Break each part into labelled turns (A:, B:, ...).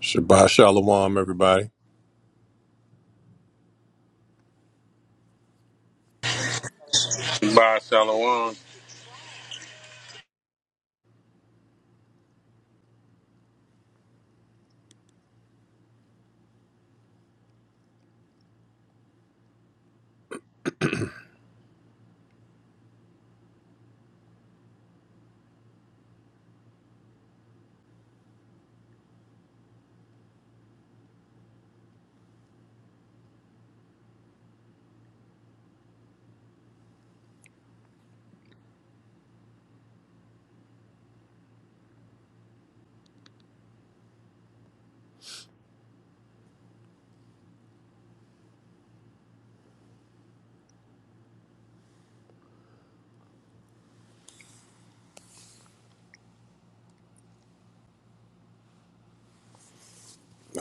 A: Shabbat Shalom, everybody.
B: Shabbat shalom.
C: By Shalom.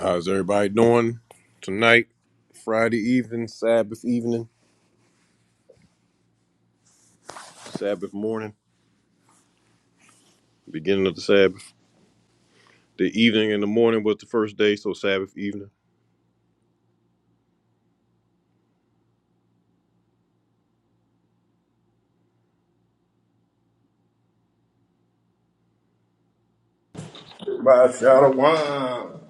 A: How's everybody doing tonight? Friday evening, Sabbath evening, Sabbath morning, beginning of the Sabbath. The evening and the morning was the first day, so Sabbath evening.
D: By Shadawan.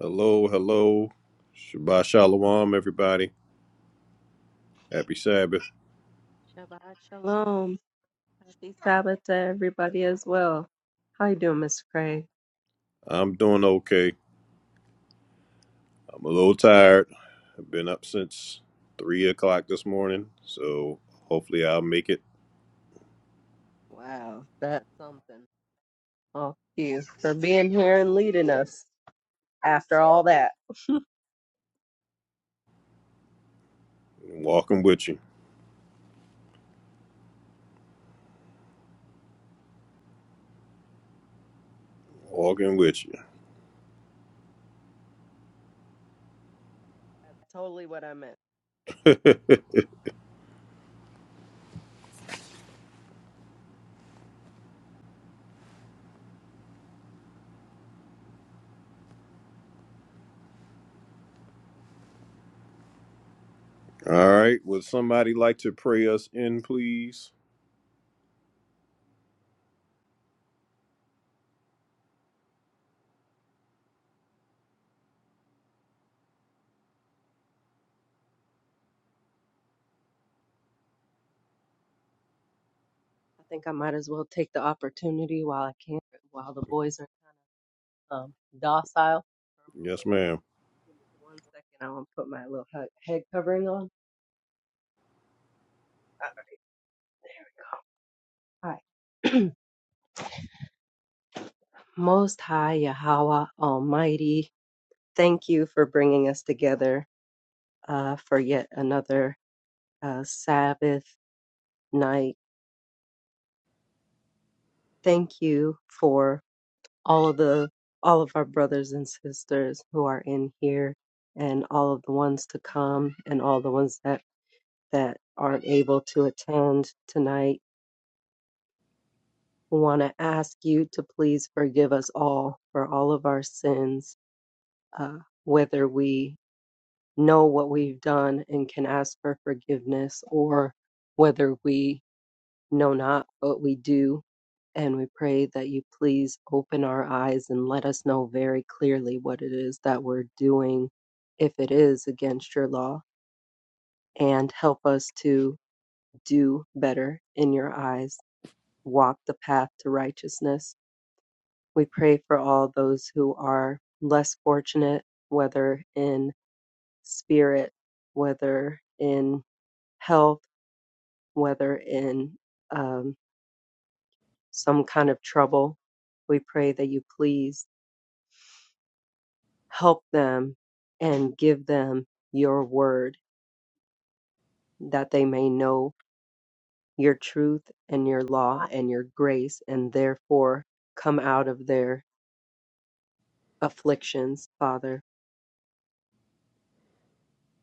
A: Hello, hello. Shabbat Shalom, everybody. Happy Sabbath.
E: Shabbat shalom. Happy Sabbath to everybody as well. How you doing, Mr. Craig?
A: I'm doing okay. I'm a little tired. I've been up since 3 o'clock this morning, so hopefully I'll make it.
E: Wow, that's something. Oh, thank you for being here and leading us after all that.
A: Walking with you. Walking with
E: That's totally what I meant.
A: you. All right. Would somebody like to pray us in, please?
E: I think I might as well take the opportunity while I can, while the boys are kind of um, docile for a
A: Yes,
E: moment.
A: ma'am.
E: Give me one second. I want to put my little he- head covering on. All right. Most High Yahweh Almighty, thank you for bringing us together uh, for yet another uh, Sabbath night. Thank you for all of the all of our brothers and sisters who are in here, and all of the ones to come, and all the ones that that aren't able to attend tonight. We want to ask you to please forgive us all for all of our sins, uh, whether we know what we've done and can ask for forgiveness, or whether we know not what we do. And we pray that you please open our eyes and let us know very clearly what it is that we're doing, if it is against your law, and help us to do better in your eyes, walk the path to righteousness. We pray for all those who are less fortunate, whether in spirit, whether in health, whether in um. some kind of trouble. We pray that you please help them and give them your word that they may know your truth and your law and your grace and therefore come out of their afflictions, Father.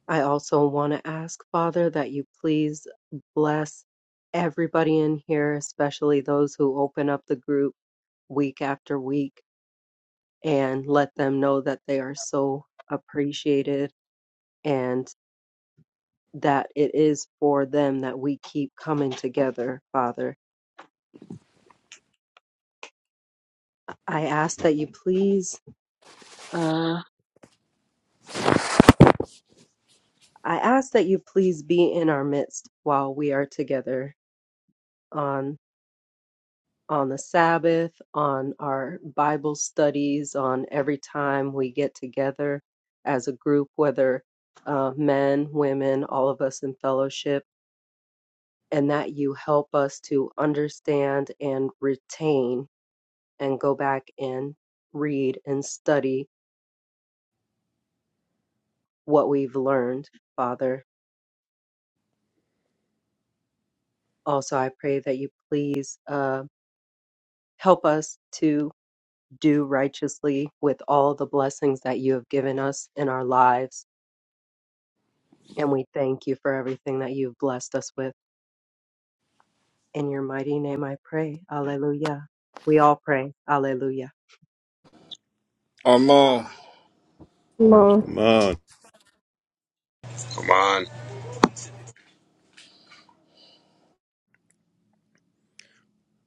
E: I also want to ask, Father, that you please bless everybody in here, especially those who open up the group week after week and let them know that they are so appreciated and. that it is for them that we keep coming together, Father. I ask that you please, uh, I ask that you please be in our midst while we are together on on the Sabbath, on our Bible studies, on every time we get together as a group, whether uh, men, women, all of us in fellowship, and that you help us to understand and retain and go back and read and study what we've learned, Father. Also, I pray that you please uh, help us to do righteously with all the blessings that you have given us in our lives. And we thank you for everything that you've blessed us with. In your mighty name, I pray. Alleluia. We all pray. Alleluia.
D: Amon.
F: Come on,
A: Come on.
C: Come on.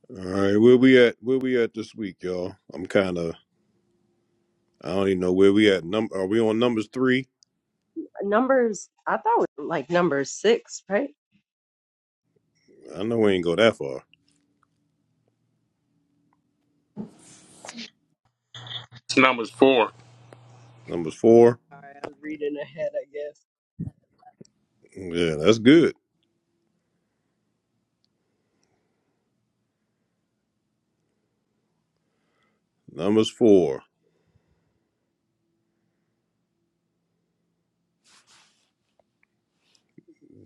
A: All right. Where we at? Where we at this week, y'all? I'm kind of. I don't even know where we at. Num- are we on numbers three?
E: Numbers, I thought it was like number six, right?
A: I know we ain't go that far.
C: It's numbers four.
A: Numbers four.
E: Sorry, I was reading ahead, I guess.
A: Yeah, that's good. Numbers four.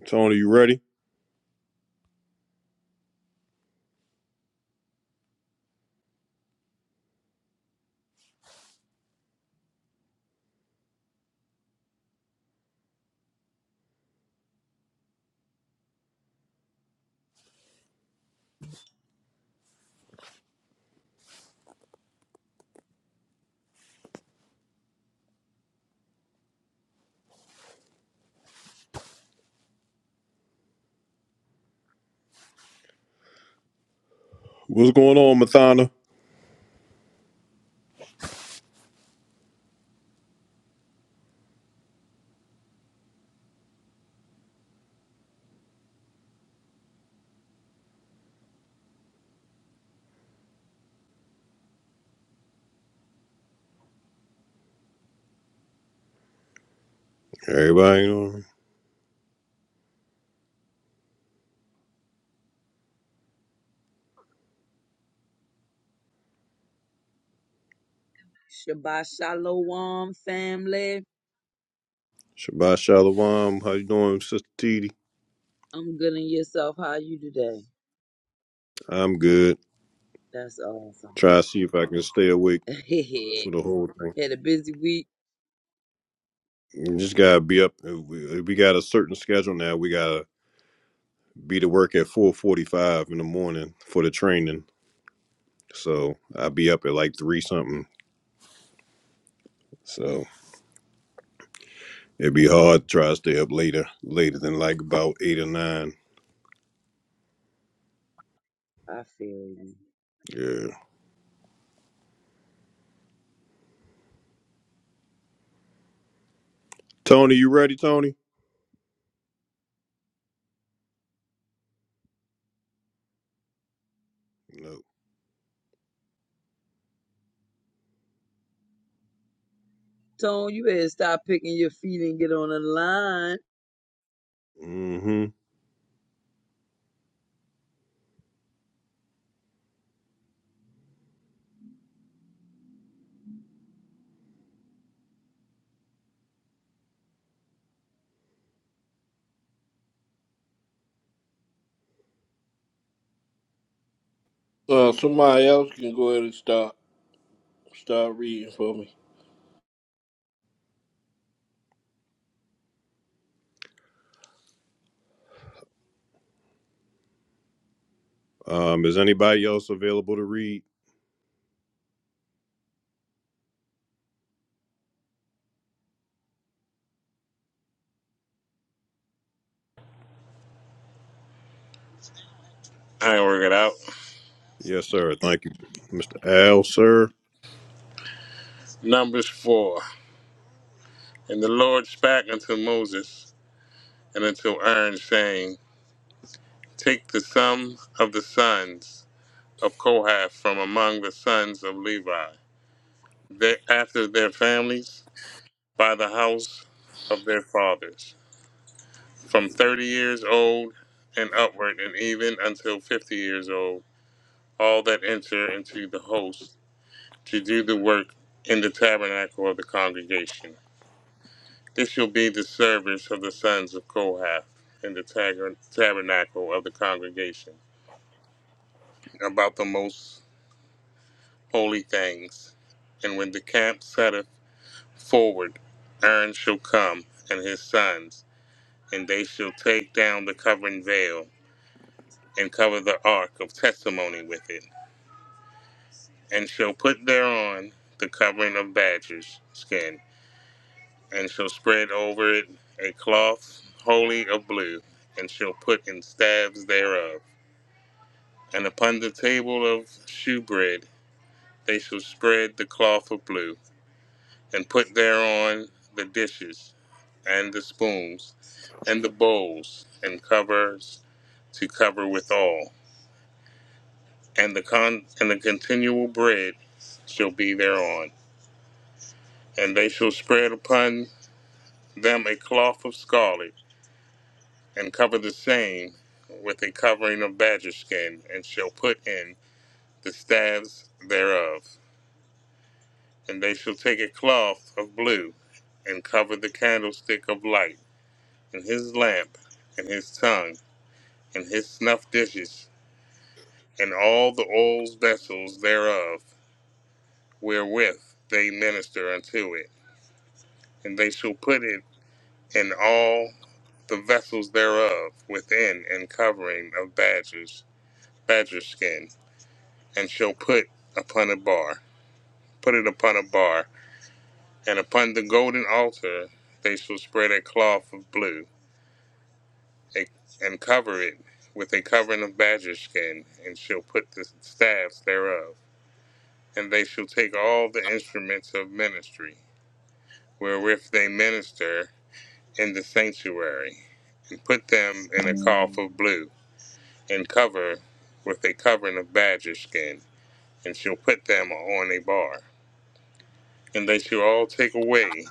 A: Tony, you ready? What's going on, Mathana? Everybody on.
G: Shabbat shalom, family.
A: Shabbat Shalom. How you doing, Sister T D?
G: I'm good in yourself. How you today?
A: I'm good.
G: That's awesome.
A: Try to see if I can stay awake
G: Had
A: for the whole thing.
G: a busy week.
A: We just gotta be up. uh, We, uh, we got a certain schedule now. We gotta be to work at four forty-five in the morning for the training. So I'll be up at like three something. So it'd be hard to try to stay up later, later than like about eight or nine.
G: I feel you.
A: Yeah. Tony, you ready, Tony? No.
G: Tone, you better stop picking your feet and get on the line.
A: Mm-hmm.
D: Uh, somebody else can go ahead and start start reading for me.
A: Um, is anybody else available to read?
C: I ain't work it out.
A: Yes, sir. Thank you, Mr. Al, sir.
C: Numbers four. And the Lord spake unto Moses and unto Aaron, saying, Take the sum of the sons of Kohath from among the sons of Levi, they, after their families, by the house of their fathers, from thirty years old and upward, and even until fifty years old, all that enter into the host to do the work in the tabernacle of the congregation. This shall be the service of the sons of Kohath in the tag- tabernacle of the congregation about the most holy things. And when the camp setteth forward, Aaron shall come and his sons, and they shall take down the covering veil and cover the ark of testimony with it, and shall put thereon the covering of badgers' skin and shall spread over it a cloth wholly of blue, and shall put in staves thereof. And upon the table of shewbread they shall spread the cloth of blue, and put thereon the dishes, and the spoons, and the bowls, and covers to cover withal. And the con- and the continual bread shall be thereon. And they shall spread upon them a cloth of scarlet and cover the same with a covering of badger skin, and shall put in the staves thereof. And they shall take a cloth of blue, and cover the candlestick of light, and his lamp, and his tongue, and his snuff dishes, and all the oil vessels thereof, wherewith they minister unto it. And they shall put it in all the vessels thereof within an covering of badgers, badger skin and shall put upon a bar, put it upon a bar, and upon the golden altar they shall spread a cloth of blue, a, and cover it with a covering of badger skin, and shall put the staves thereof. And they shall take all the instruments of ministry, wherewith they minister in the sanctuary, and put them in a cloth of blue, and cover with a covering of badger skin, and shall put them on a bar and they shall all take away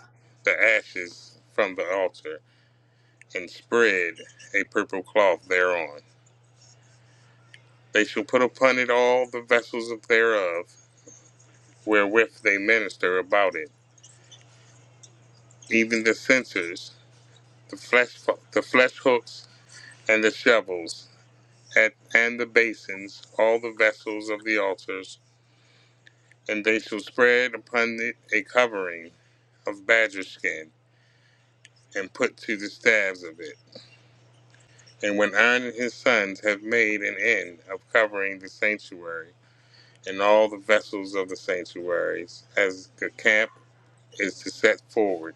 C: the ashes from the altar, and spread a purple cloth thereon. They shall put upon it all the vessels thereof, wherewith they minister about it, even the censers, the flesh, the flesh hooks, and the shovels, and, and the basins, all the vessels of the altars, and they shall spread upon it a covering of badger skin, and put to the staves of it. And when Aaron and his sons have made an end of covering the sanctuary and all the vessels of the sanctuaries, as the camp is to set forward,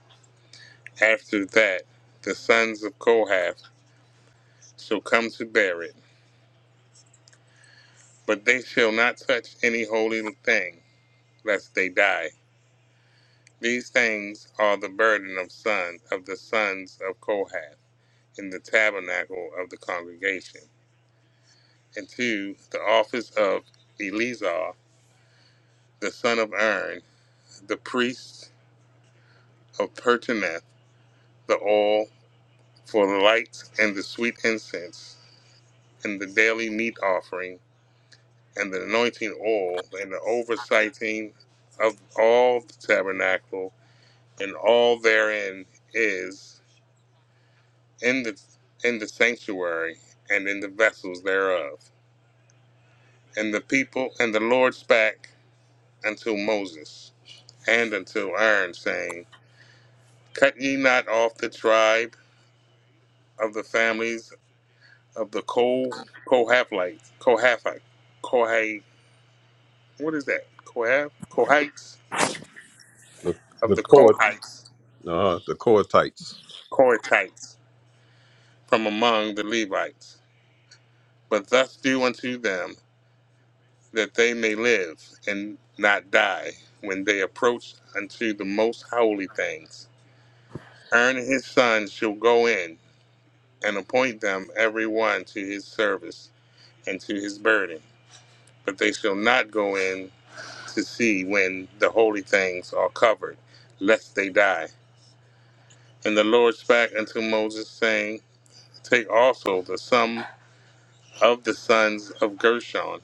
C: after that the sons of Kohath shall come to bear it. But they shall not touch any holy thing, lest they die. These things are the burden of sons of the sons of Kohath in the tabernacle of the congregation, and to the office of Eleazar the son of Aaron the priests of Pertineth the oil for the lights and the sweet incense and the daily meat offering and the anointing oil and the oversighting of all the tabernacle and all therein is in the in the sanctuary and in the vessels thereof. And the people and the Lord spake unto Moses and unto Aaron, saying, Cut ye not off the tribe of the families of the Ko Kohathlites, Kohathite, Kohai. What is that? Kohath, Kohites
A: The, the
C: of the
A: core,
C: Kohites,
A: Uh, the core tights.
C: Kohatites from among the Levites. But thus do unto them that they may live and not die when they approach unto the most holy things. Aaron and his sons shall go in and appoint them every one to his service and to his burden, but they shall not go in to see when the holy things are covered, lest they die. And the Lord spake unto Moses, saying, Take also the sum of the sons of Gershon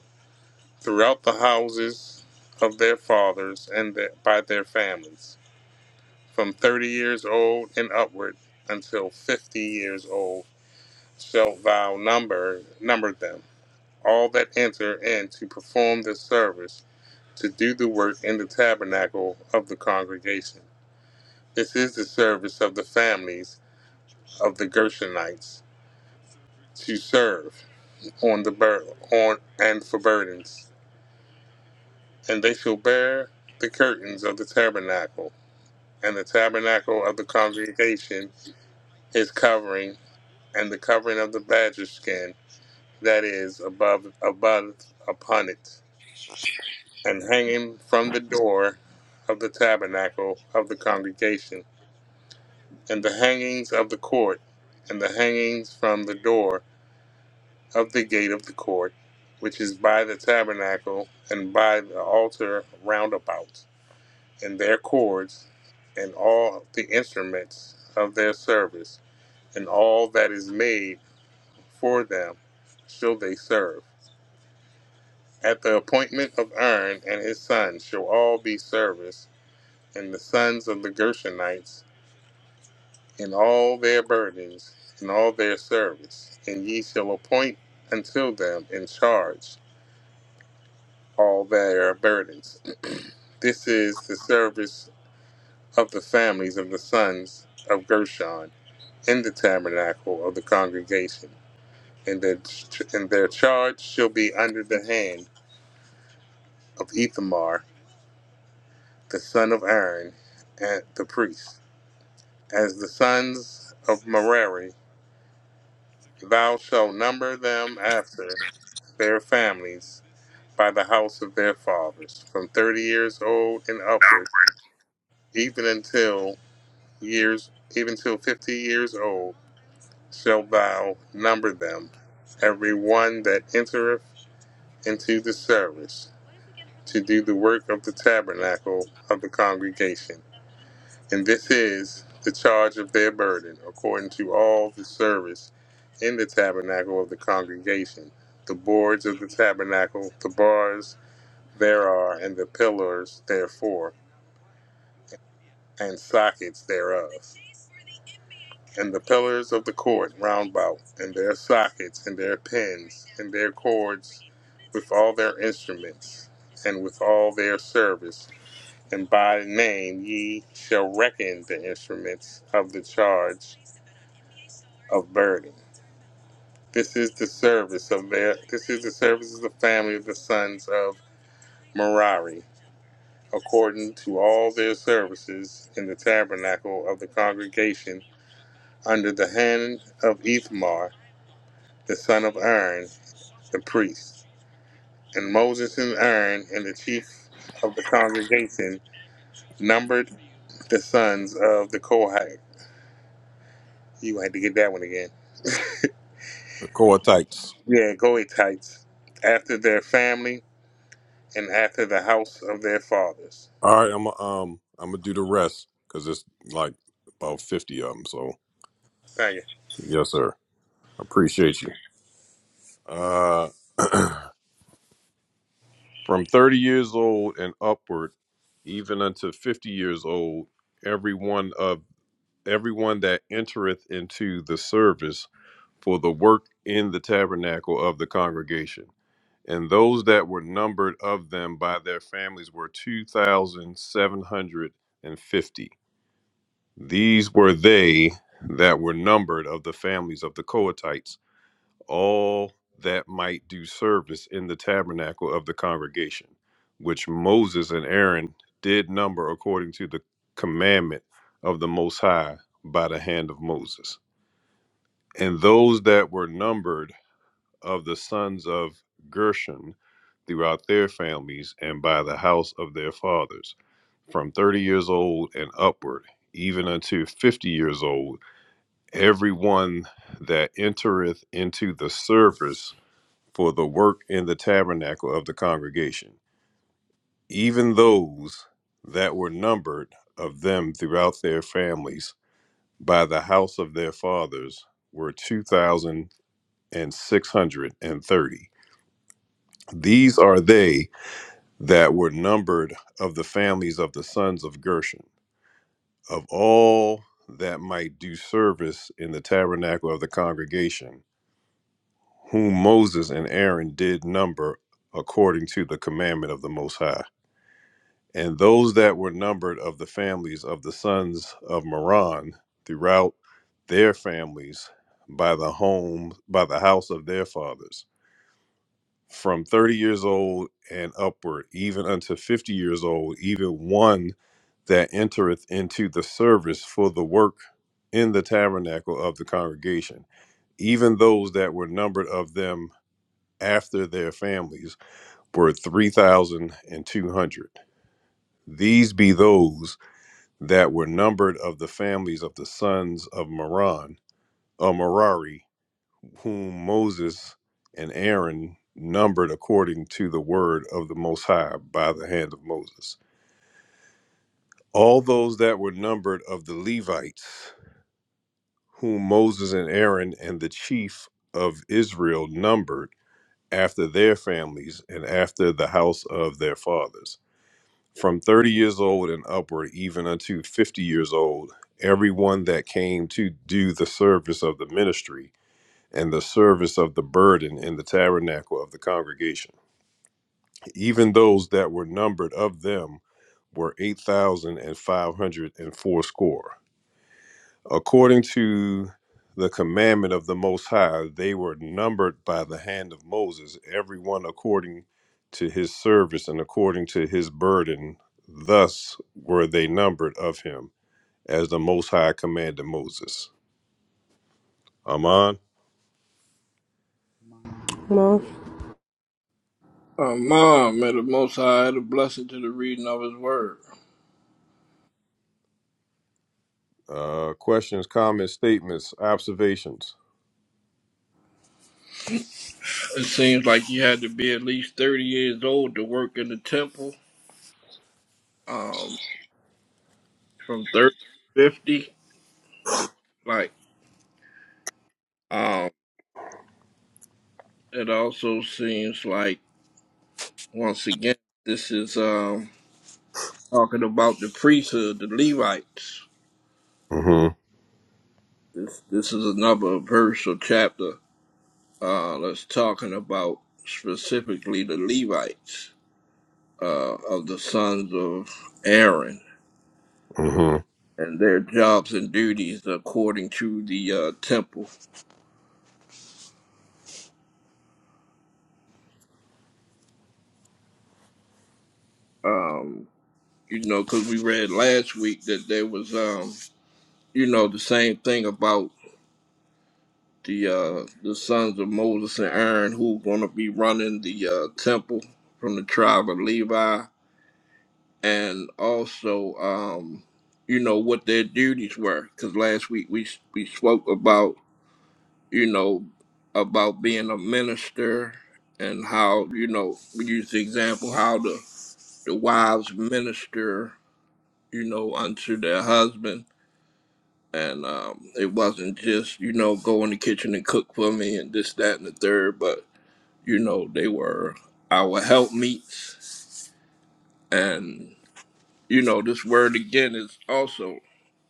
C: throughout the houses of their fathers and their, by their families, from thirty years old and upward until fifty years old shalt thou number number them, all that enter in to perform the service, to do the work in the tabernacle of the congregation This is the service of the families of the Gershonites to serve on the bur- on and for burdens, and they shall bear the curtains of the tabernacle, and the tabernacle of the congregation is covering, and the covering of the badger skin that is above above upon it, and hanging from the door of the tabernacle of the congregation, and the hangings of the court, and the hangings from the door of the gate of the court, which is by the tabernacle and by the altar round about, and their cords, and all the instruments of their service, and all that is made for them, shall they serve. At the appointment of Aaron and his sons shall all be service, and the sons of the Gershonites, in all their burdens, and all their service, and ye shall appoint unto them in charge all their burdens This is the service of the families of the sons of Gershon in the tabernacle of the congregation, and their, and their charge shall be under the hand of Ithamar, the son of Aaron, and the priest. As the sons of Merari, thou shalt number them after their families by the house of their fathers, from thirty years old and upward, even until years, even till fifty years old shalt thou number them, every one that entereth into the service, to do the work of the tabernacle of the congregation. And this is the charge of their burden, according to all the service in the tabernacle of the congregation, the boards of the tabernacle, the bars thereof, and the pillars therefore, and sockets thereof. and the pillars of the court round about, and their sockets, and their pins, and their cords, with all their instruments, and with all their service. And by name ye shall reckon the instruments of the charge of burden. This is the service of their. This is the service of the family of the sons of Merari, according to all their services in the tabernacle of the congregation under the hand of Ithmar the son of Aaron the priests, and Moses and Aaron and the chief of the congregation numbered the sons of the Kohath. You had to get that one again.
A: the core
C: Yeah, Goetites, after their family and after the house of their fathers.
A: All right, I'm a, um I'm gonna do the rest because it's like about fifty of them. So
C: Thank you.
A: yes, sir. I appreciate you. Uh, from thirty years old and upward, even unto fifty years old, everyone of everyone that entereth into the service for the work in the tabernacle of the congregation, and those that were numbered of them by their families were two thousand seven hundred and fifty. These were they that were numbered of the families of the Kohathites, all that might do service in the tabernacle of the congregation, which Moses and Aaron did number according to the commandment of the Most High by the hand of Moses. And those that were numbered of the sons of Gershon throughout their families and by the house of their fathers, from 30 years old and upward, even unto 50 years old everyone that entereth into the service for the work in the tabernacle of the congregation, even those that were numbered of them throughout their families by the house of their fathers were 2,630. These are they that were numbered of the families of the sons of Gershon. Of all that might do service in the tabernacle of the congregation, whom Moses and Aaron did number according to the commandment of the Most High. And those that were numbered of the families of the sons of Moran throughout their families by the home by the house of their fathers, from thirty years old and upward, even unto fifty years old, even one that entereth into the service for the work in the tabernacle of the congregation, even those that were numbered of them after their families were 3,200. These be those that were numbered of the families of the sons of Moran, of Merari, whom Moses and Aaron numbered according to the word of the Most High by the hand of Moses. All those that were numbered of the Levites, whom Moses and Aaron and the chief of Israel numbered after their families and after the house of their fathers from 30 years old and upward, even unto 50 years old, everyone that came to do the service of the ministry and the service of the burden in the tabernacle of the congregation. Even those that were numbered of them were eight thousand and five hundred and fourscore. According to the commandment of the Most High, they were numbered by the hand of Moses, everyone according to his service and according to his burden. Thus were they numbered of him, as the Most High commanded Moses. Aman,
G: Mom.
F: come on.
D: Amon, may the Most High add a blessing to the reading of His Word.
A: uh, questions, comments, statements, observations.
D: It seems like you had to be at least 30 years old to work in the temple, um, from 30 to 50, what it like. Um, it also seems like, once again, this is um, talking about the priesthood, the Levites.
A: Mm-hmm.
D: This, this is another verse or chapter Uh, that's talking about specifically the Levites uh, of the sons of Aaron
A: Mm-hmm.
D: and their jobs and duties according to the uh, temple. Um, you know, because we read last week that there was, um, you know, the same thing about the uh, the sons of Moses and Aaron who going to be running the uh, temple from the tribe of Levi and also um you know what their duties were because last week we we spoke about you know about being a minister and how you know we used the example how the the wives minister you know unto their husband and um it wasn't just you know go in the kitchen and cook for me and this that and the third but you know they were our helpmeets And you know, this word again is also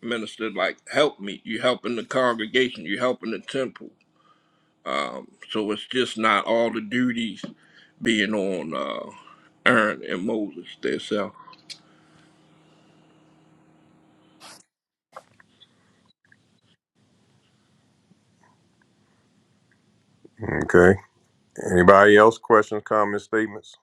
D: ministered like help me. You're helping the congregation, you're helping the temple. So it's just not all the duties being on uh, Aaron and Moses themselves.
A: Okay. Anybody else? Questions, comments, statements,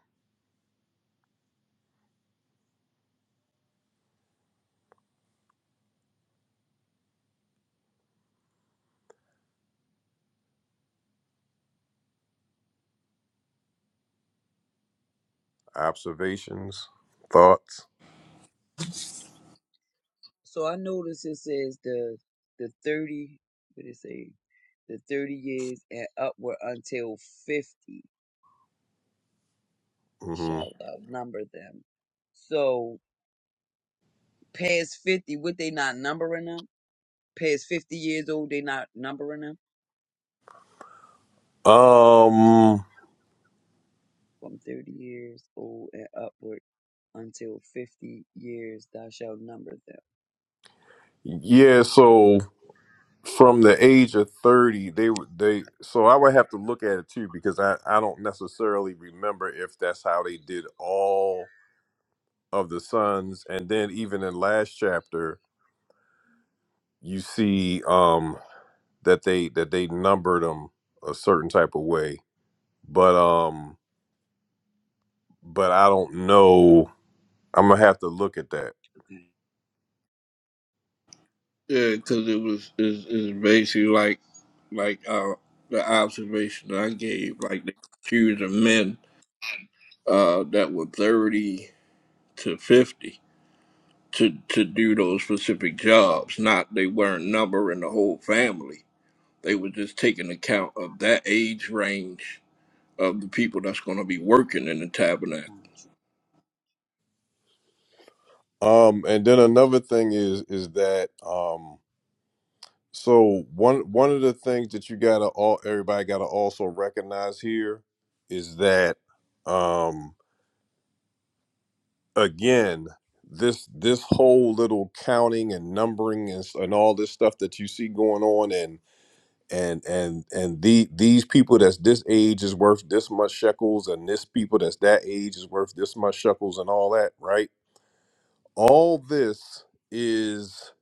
A: observations, thoughts.
G: So I noticed it says the the 30, what did it say? The 30 years and upward until 50
A: Mm-hmm.
G: shall thou number them. So past 50, would they not numbering them? Past 50 years old, they not numbering them?
A: Um.
G: From thirty years old and upward until fifty years thou shalt number them.
A: Yeah. So. from the age of 30 they would they so i would have to look at it too because i i don't necessarily remember if that's how they did all of the sons and then even in last chapter you see um that they that they numbered them a certain type of way but um but i don't know i'm gonna have to look at that
G: Okay.
D: Yeah, because it was is is basically like like uh, the observation I gave, like they choosing men uh, that were thirty to fifty to to do those specific jobs. Not they weren't numbering the whole family They were just taking account of that age range of the people that's going to be working in the tabernacle.
G: Gotcha.
A: um and then another thing is is that um. So one one of the things that you gotta all everybody gotta also recognize here is that um again this this whole little counting and numbering and, s- and all this stuff that you see going on and and and and the these people that's this age is worth this much shekels and this people that's that age is worth this much shekels and all that right all this is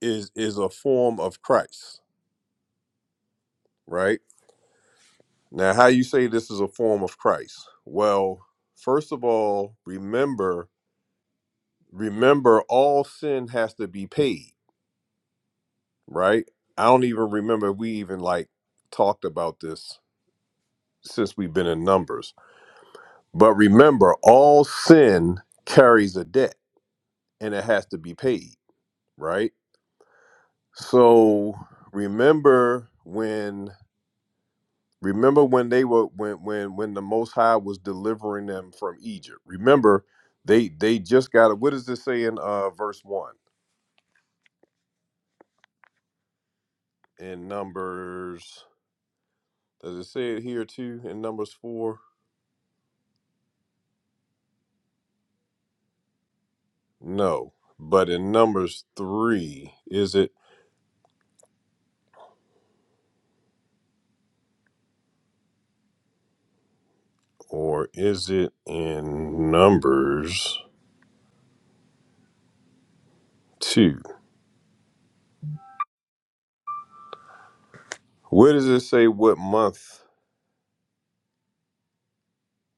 A: is is a form of christ right Now, how you say this is a form of Christ? Well, first of all, remember, remember all sin has to be paid, right? I don't even remember if we even like talked about this since we've been in numbers. But remember, all sin carries a debt and it has to be paid, right? So, remember when Remember when they were when when when the Most High was delivering them from Egypt. Remember, they they just got it. What does it say in uh verse one in Numbers? Does it say it here too in Numbers four? No, but in Numbers three, is it or is it in Numbers two? Where does it say what month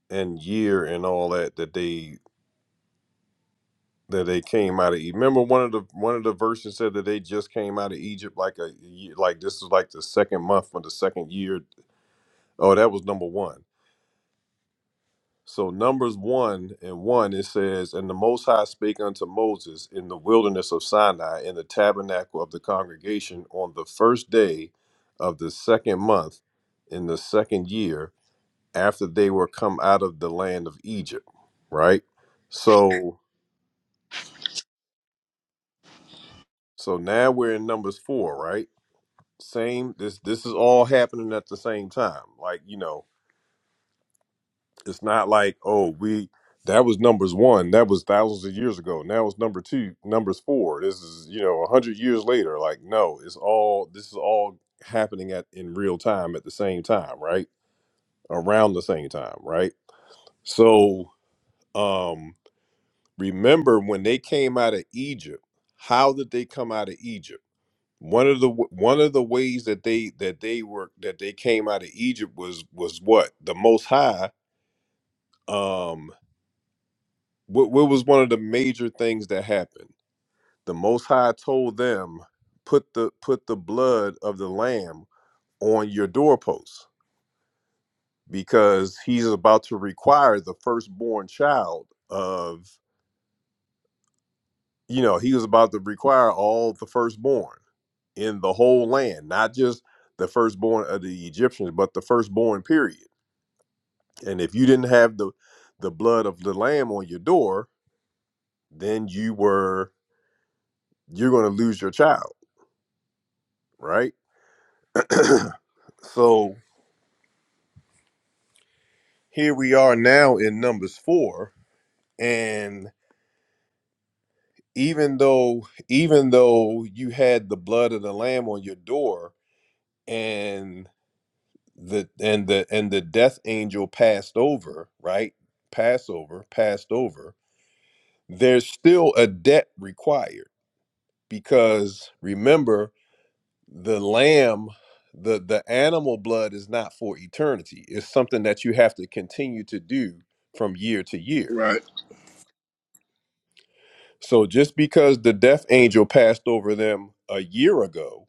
A: and year and all that that they that they came out of Egypt. Remember one of the one of the verses said that they just came out of Egypt like a ye- like this is like the second month for the second year. Oh, that was number one. So numbers one and one it says, and the Most High spake unto Moses in the wilderness of Sinai in the tabernacle of the congregation on the first day of the second month in the second year after they were come out of the land of Egypt. Right. So so now we're in numbers four, right? same this this is all happening at the same time like you know it's not like oh we that was numbers one that was thousands of years ago now it's number two numbers four this is you know a hundred years later like no it's all this is all happening at in real time at the same time right around the same time right so um remember when they came out of egypt how did they come out of egypt one of the w- one of the ways that they that they were that they came out of Egypt was was what the Most High. Um, what, what was one of the major things that happened? The Most High told them put the put the blood of the lamb on your doorposts because he's about to require the firstborn child of you know he was about to require all the firstborn in the whole land, not just the firstborn of the Egyptians, but the firstborn period And if you didn't have the the blood of the lamb on your door, then you were you're going to lose your child, right? So here we are now in numbers 4 and even though even though you had the blood of the lamb on your door and the and the and the death angel passed over, right? Passover, passed over. There's still a debt required because remember the lamb the the animal blood is not for eternity it's something that you have to continue to do from year to year
D: Right,
A: so just because the death angel passed over them a year ago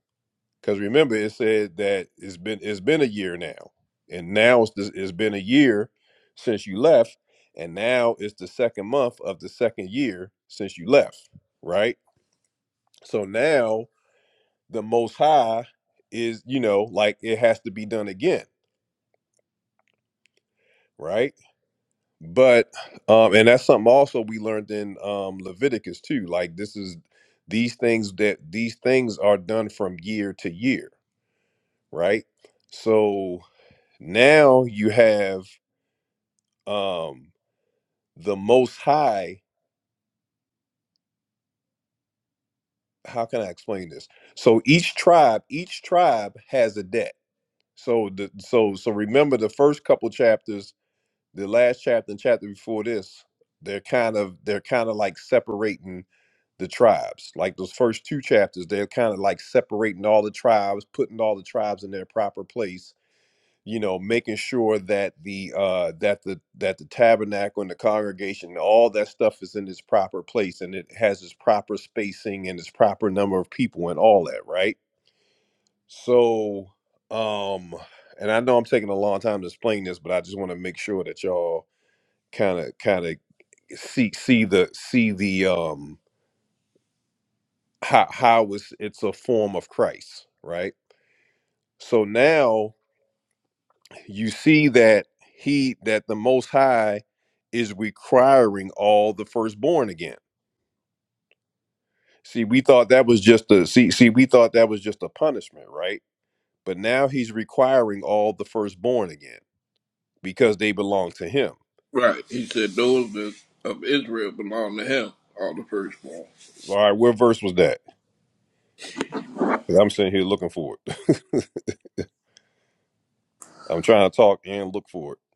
A: because remember it said that it's been it's been a year now and now it's, the- it's been a year since you left and now it's the second month of the second year since you left right so now the most high is you know like it has to be done again right But um, and that's something also we learned in um, Leviticus too. Like this is these things that these things are done from year to year, right? So now you have um, the Most High. How can I explain this? So each tribe, each tribe has a debt. So the so so remember the first couple chapters, the last chapter and chapter before this, they're kind of they're kind of like separating the tribes. Like those first two chapters, they're kind of like separating all the tribes, putting all the tribes in their proper place. You know, making sure that the uh, that the that the tabernacle and the congregation, all that stuff is in its proper place, and it has its proper spacing and its proper number of people and all that, right? So, um, and I know I'm taking a long time to explain this, but I just want to make sure that y'all kind of kind of see see the see the um how how it's it's a form of Christ, right? So now you see that he that the most high is requiring all the firstborn again. See, we thought that was just a see see we thought that was just a punishment, right? But now he's requiring all the firstborn again because they belong to him.
D: right. He said those that of Israel belong to him, are the firstborn.
A: All right, what verse was that? 'Cause I'm sitting here looking for it. I'm trying to talk and look for it.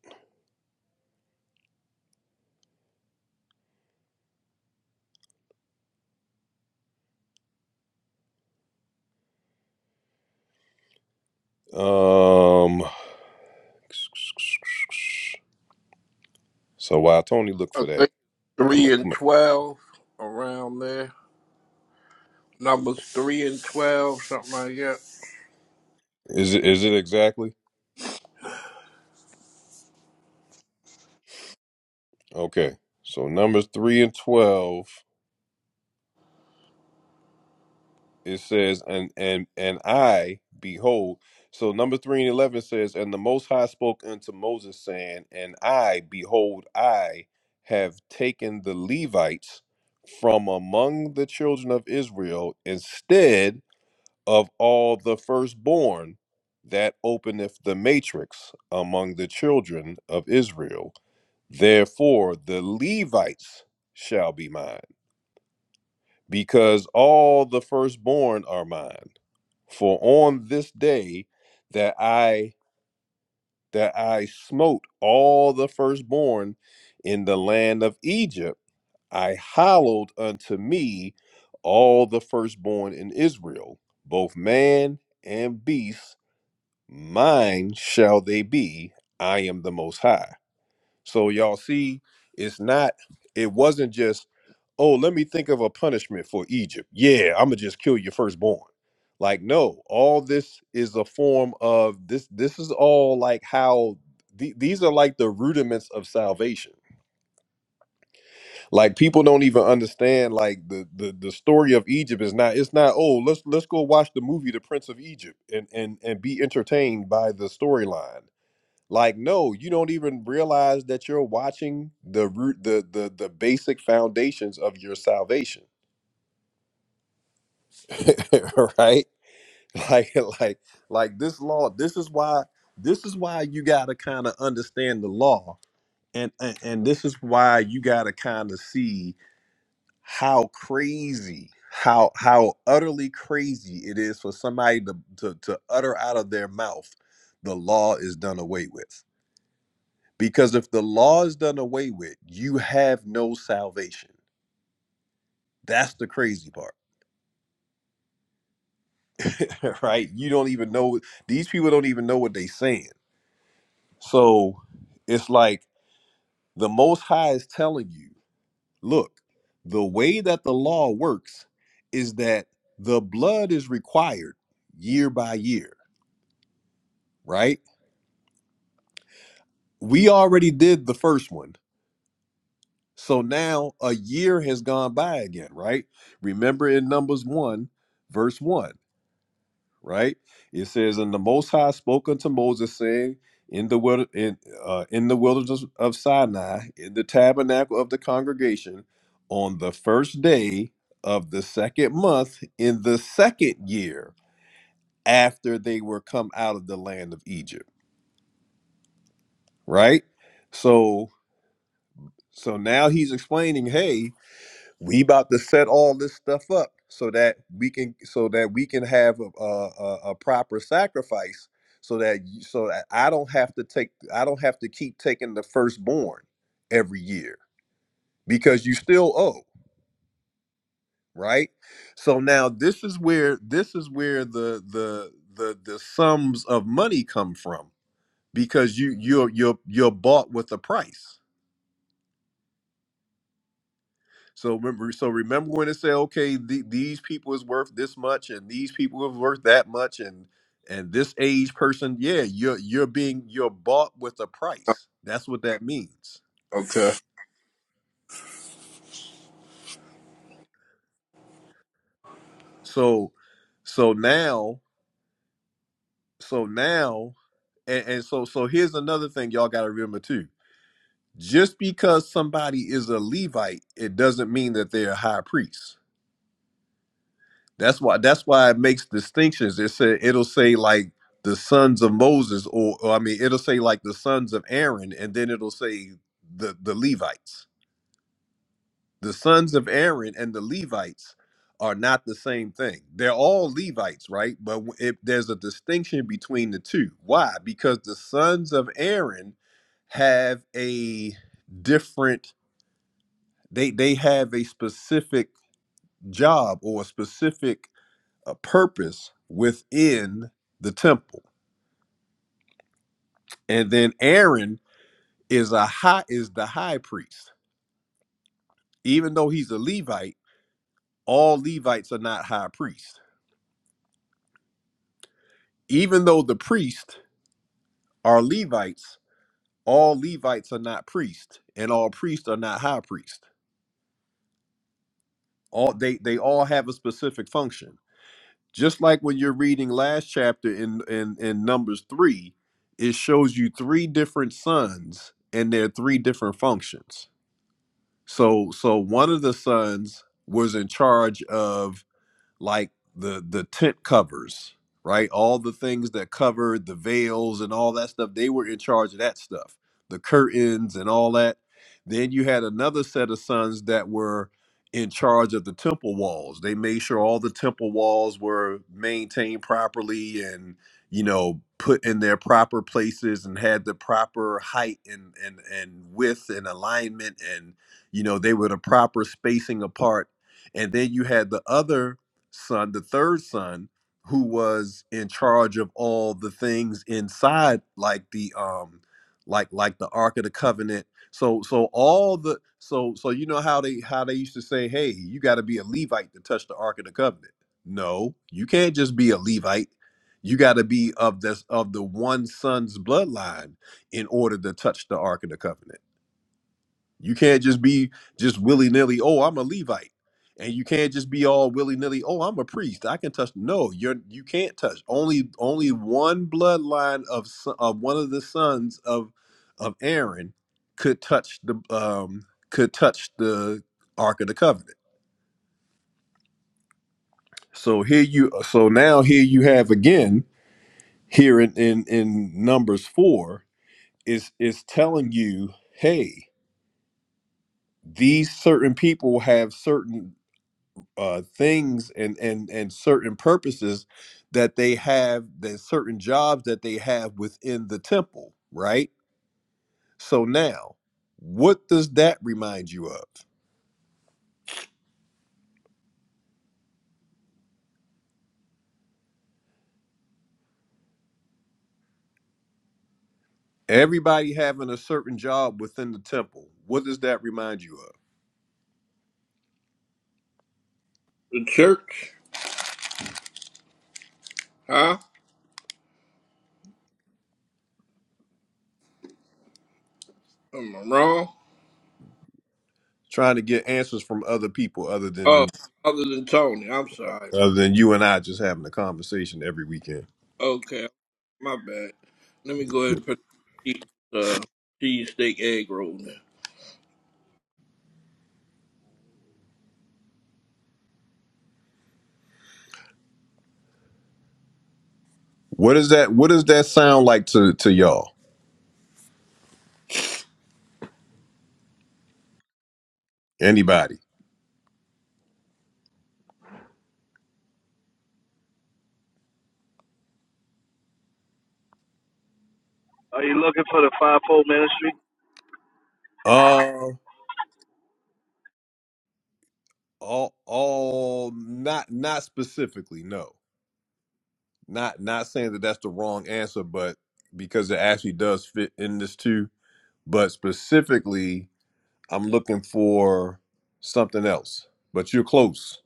A: Um so while Tony look
D: I
A: for that.
D: think
A: I'm a,
D: three and
A: I'm
D: twelve around there. Numbers three and twelve, something like that.
A: a- is it is it exactly? Okay. So numbers 3 and 12 it says and and and I behold. So number 3 and 11 says and the most high spoke unto Moses saying and I behold I have taken the Levites from among the children of Israel instead of all the firstborn that openeth the matrix among the children of Israel Therefore, the Levites shall be mine, because all the firstborn are mine. For on this day that I that I smote all the firstborn in the land of Egypt, I hallowed unto me all the firstborn in Israel, both man and beast, mine shall they be. I am the Most High. So y'all see, it's not, it wasn't just, oh, let me think of a punishment for Egypt. Yeah, I'm gonna just kill your firstborn. Like, no, all this is a form of this, this is all like how the- these are like the rudiments of salvation. Like people don't even understand like the, the the story of Egypt is not it's not oh let's let's go watch the movie The Prince of Egypt and and and be entertained by the storyline like, no, you don't even realize that you're watching the root, the the the basic foundations of your salvation, right? Like, like, like this law. This is why. This is why you gotta kind of understand the law, and, and and this is why you gotta kind of see how crazy, how how utterly crazy it is for somebody to to to utter out of their mouth, the law is done away with Because if the law is done away with, you have no salvation. That's the crazy part, right? You don't even know, these people don't even know what they're saying. So it's like the Most High is telling you look, the way that the law works is that the blood is required year by year, right? We already did the first one. So now a year has gone by again, right? Remember in Numbers 1, verse 1. right? It says, "And the Most High spoke unto Moses, saying, In the wilder, in, uh, in the wilderness of Sinai, in the tabernacle of the congregation, on the first day of the second month, in the second year after they were come out of the land of Egypt." Right. So, so now he's explaining, "Hey." we about to set all this stuff up so that we can so that we can have a, a, a proper sacrifice so that you- so that i don't have to take i don't have to keep taking the firstborn every year because you still owe right so now this is where this is where the the the the sums of money come from because you you're you're you're bought with a price So remember, so remember when it say, okay, the, these people is worth this much, and these people is worth that much, and and this age person, yeah, you're you're being you're bought with a
D: Oh,
A: price. That's what that means.
D: Okay.
A: So, so now, so now, and, and so so here's another thing y'all got to remember too. Just because somebody is a Levite, it doesn't mean that they're a high priest That's why that's why it makes distinctions. It said it'll say like the sons of Moses, or, or I mean, it'll say like the sons of Aaron, and then it'll say the the Levites. The sons of Aaron and the Levites are not the same thing. They're all Levites, right? But w- if there's a distinction between the two, why? Because the sons of Aaron have a different. They they have a specific job or a specific a purpose within the temple. And then Aaron is a high is the high priest. Even though he's a Levite, all Levites are not high priests. Even though the priests are Levites, all Levites are not priests, and all priests are not high priests. All they they all have a specific function. Just like when you're reading last chapter in in, in Numbers three, it shows you three different sons and their three different functions So so one of the sons was in charge of like the the tent covers, right? All the things that covered the veils and all that stuff, they were in charge of that stuff, the curtains and all that. Then you had another set of sons that were in charge of the temple walls. They made sure all the temple walls were maintained properly and you know put in their proper places and had the proper height and and and width and alignment and you know they were the proper spacing apart. And then you had the other son, the third son, who was in charge of all the things inside, like the um, like like the Ark of the Covenant. So so all the so so you know how they how they used to say, hey, you got to be a Levite to touch the Ark of the Covenant. No, you can't just be a Levite. You got to be of this of the one son's bloodline in order to touch the Ark of the Covenant. You can't just be just willy nilly. Oh, I'm a Levite, and you can't just be all willy nilly. Oh, I'm a priest. I can touch. No, you're you can't touch. Only only one bloodline of so- of one of the sons of of Aaron could touch the um could touch the Ark of the Covenant. So here you so now here you have again here in in, in Numbers four is is telling you, hey, these certain people have certain uh, things and and and certain purposes that they have, that certain jobs that they have within the temple, right? So now, what does that remind you of? Everybody having a certain job within the temple. What does that remind you of?
D: The church? Huh? Am I wrong?
A: Trying to get answers from other people other than
D: Oh, other than Tony, I'm sorry.
A: other than you and I just having a conversation every weekend.
D: Okay, my bad. Let me go ahead and put the uh, cheese steak egg roll in.
A: What does that what does that sound like to to y'all? Anybody?
H: Are you looking for the fivefold ministry?
A: Um, all all not not specifically no not not saying that that's the wrong answer but because it actually does fit in this too but specifically i'm looking for something else but you're close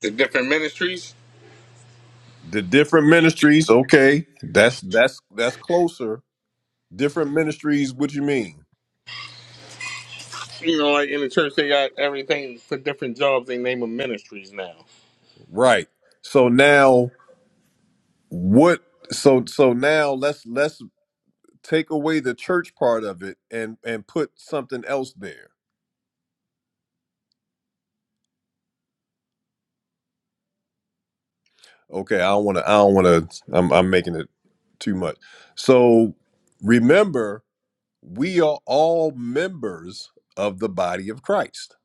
C: The different ministries,
A: the different ministries okay that's that's that's closer different ministries what you mean
C: you know, like in the church, they got everything for different jobs. They name them ministries now.
A: right so now what so so now let's let's take away the church part of it and and put something else there Okay, I don't want to. I don't want to. I'm, I'm making it too much. So remember, we are all members of the body of Christ.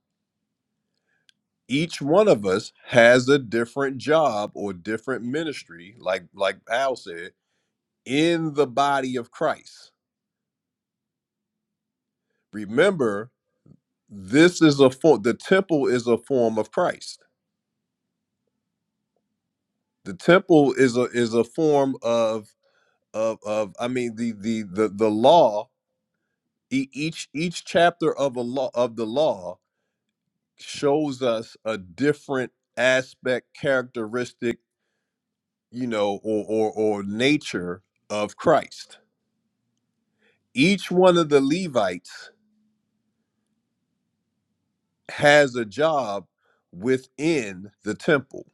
A: Each one of us has a different job or different ministry, like like Al said, in the body of Christ. Remember, this is a form. The temple is a form of Christ. The temple is a is a form of of of. I mean, the the the the law E- each each chapter of a law of the law shows us a different aspect characteristic you know or or, or nature of christ each one of the levites has a job within the temple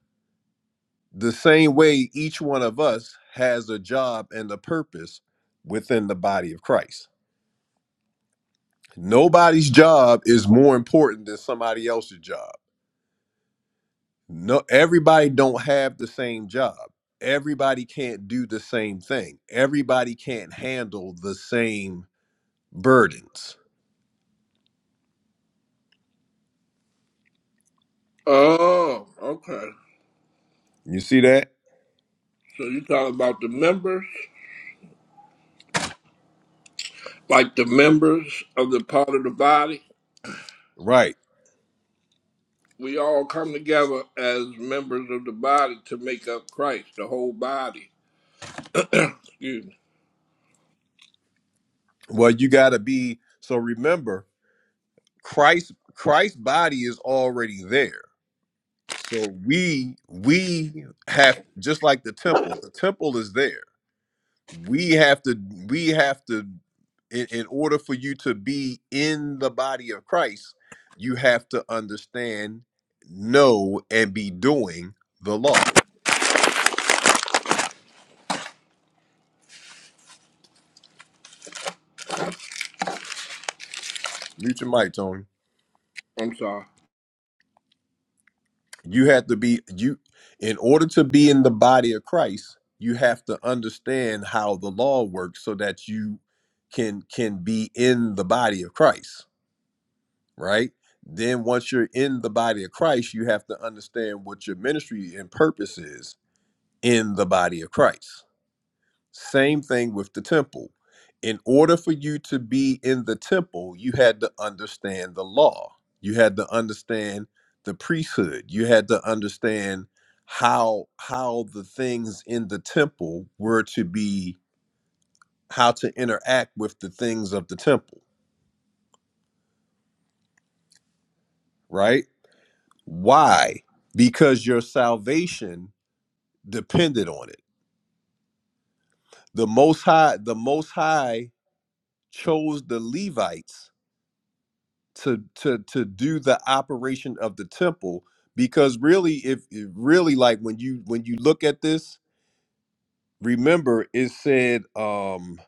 A: the same way each one of us has a job and a purpose within the body of christ nobody's job is more important than somebody else's job No, everybody don't have the same job. Everybody can't do the same thing. Everybody can't handle the same burdens.
D: Oh, okay.
A: You see that?
D: So you talking about the members, like the members of the part of the body?
A: Right.
D: We all come together as members of the body to make up Christ, the whole body. Excuse me.
A: Well, you got to be so remember Christ Christ's body is already there. So we we have just like the temple. The temple is there. we have to we have to in, in order for you to be in the body of christ you have to understand know and be doing the law mute your mic tony
D: I'm sorry.
A: you have to be you in order to be in the body of christ you have to understand how the law works so that you can can be in the body of christ right then once you're in the body of christ you have to understand what your ministry and purpose is in the body of Christ. Same thing with the temple. In order for you to be in the temple, you had to understand the law, you had to understand the priesthood, you had to understand how how the things in the temple were to be how to interact with the things of the temple right why because your salvation depended on it the most high the most high chose the levites to to to do the operation of the temple because really if if really like when you when you look at this remember it said um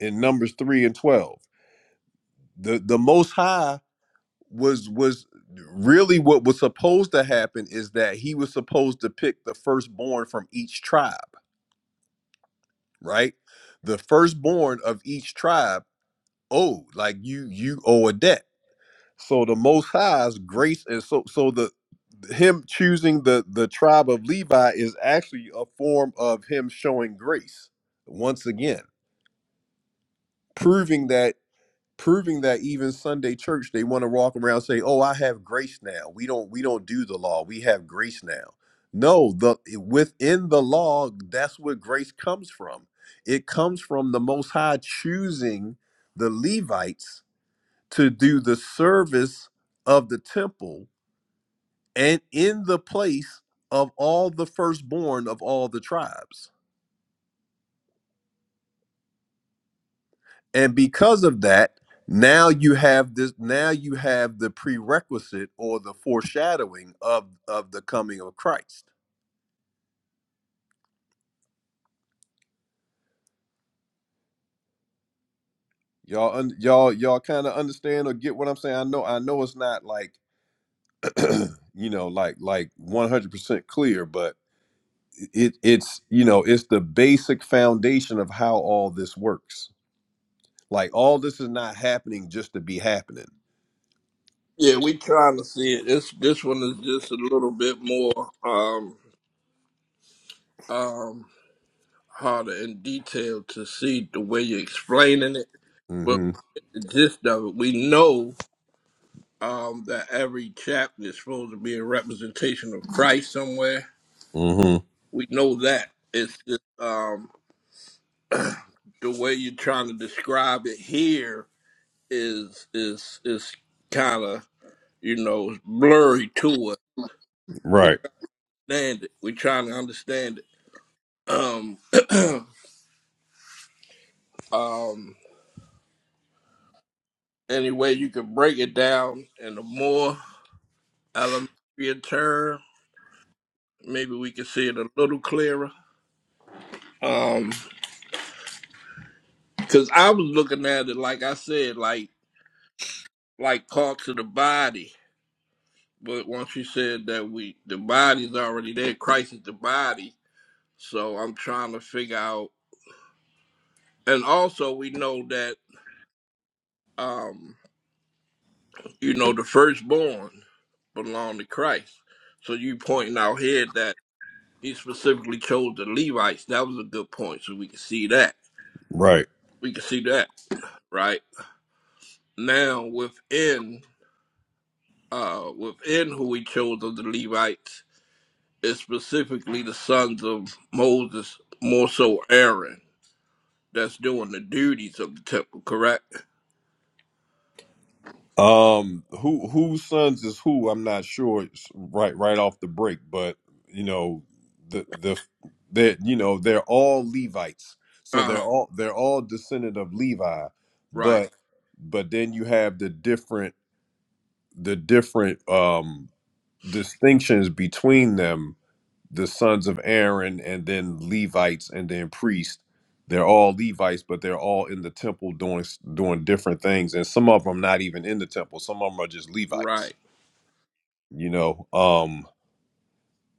A: in numbers 3 and 12 the the most high was was really what was supposed to happen is that he was supposed to pick the firstborn from each tribe right the firstborn of each tribe owed like you you owe a debt So the Most High's grace is so so the him choosing the the tribe of Levi is actually a form of him showing grace once again, proving that proving that even Sunday church they want to walk around and say, "Oh, I have grace now. We don't we don't do the law. We have grace now." No, the within the law, that's where grace comes from. It comes from the Most High choosing the Levites to do the service of the temple and in the place of all the firstborn of all the tribes. And because of that, now you have this now you have the prerequisite or the foreshadowing of of the coming of Christ. Y'all un, y'all y'all kind of understand or get what I'm saying? I know I know it's not like you know like like 100% clear, but it it's you know it's the basic foundation of how all this works. Like all this is not happening just to be happening.
D: Yeah, we trying to see it. This this one is just a little bit more um um harder in detail to see the way you're explaining it. But
A: Mhm.
D: the gist of it, we know um that every chapter is supposed to be a representation of Christ somewhere
A: hmm
D: We know that. It's just um, the way you're trying to describe it here is is is kind of you know blurry to us. We
A: Right.
D: understand it. We're trying to understand it. Um, um, any way you can break it down in a more elementary term, maybe we can see it a little clearer. Um, because I was looking at it like I said, like like parts of the body. But once you said that we the body's already there, Christ is the body. So I'm trying to figure out and also we know that um you know the firstborn belong to Christ. So you pointing out here that he specifically chose the Levites. That was a good point. So we can see that.
A: Right.
D: We can see that, right? Now within uh within who he chose of the Levites is specifically the sons of Moses, more so Aaron that's doing the duties of the temple, correct?
A: Um. Who whose sons is who? I'm not sure. It's right. Right off the break, but you know, the the that you know they're all Levites, so
D: Uh,
A: they're all they're all descendant of Levi,
D: right,
A: but but then you have the different the different um distinctions between them the sons of Aaron and then Levites and then priests. They're all Levites, but they're all in the temple doing doing different things, and some of them not even in the temple. Some of them are just Levites,
D: right.
A: you know. Um,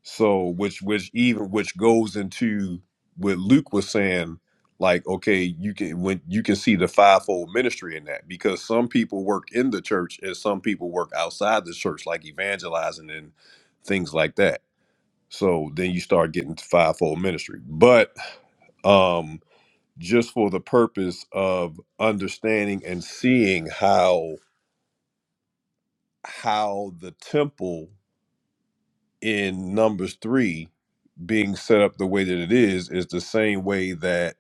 A: so which which even which goes into what Luke was saying, like okay, you can when you can see the fivefold ministry in that because some people work in the church and some people work outside the church, like evangelizing and things like that so then you start getting to fivefold ministry. But um, just for the purpose of understanding and seeing how how the temple in Numbers three being set up the way that it is is the same way that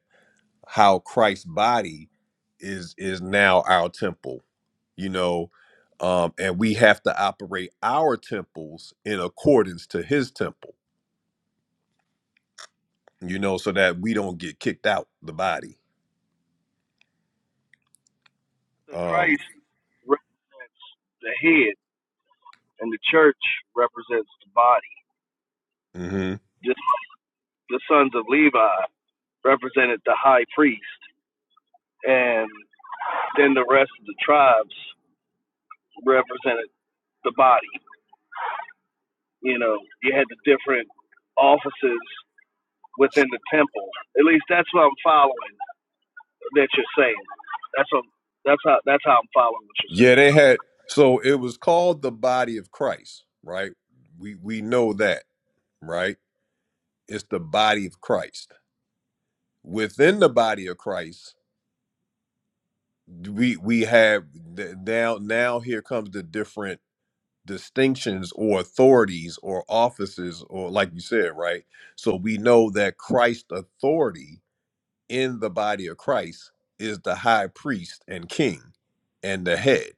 A: how Christ's body is is now our temple, you know, um, and we have to operate our temples in accordance to His temple, you know, so that we don't get kicked out the body.
H: The
A: Um,
H: Christ represents the head, and the church represents the body.
A: hmm
H: Just the sons of Levi represented the high priest, and then the rest of the tribes represented the body. You know, you had the different offices within the temple. At least that's what I'm following that you're saying. That's what, that's how that's how I'm following what you're
A: Yeah, they had. So it was called the body of Christ, right? We we know that, right? It's the body of Christ. Within the body of Christ, we we have th- now now here comes the different distinctions or authorities or offices or like you said, right? So we know that Christ's authority in the body of Christ is the high priest and king and the head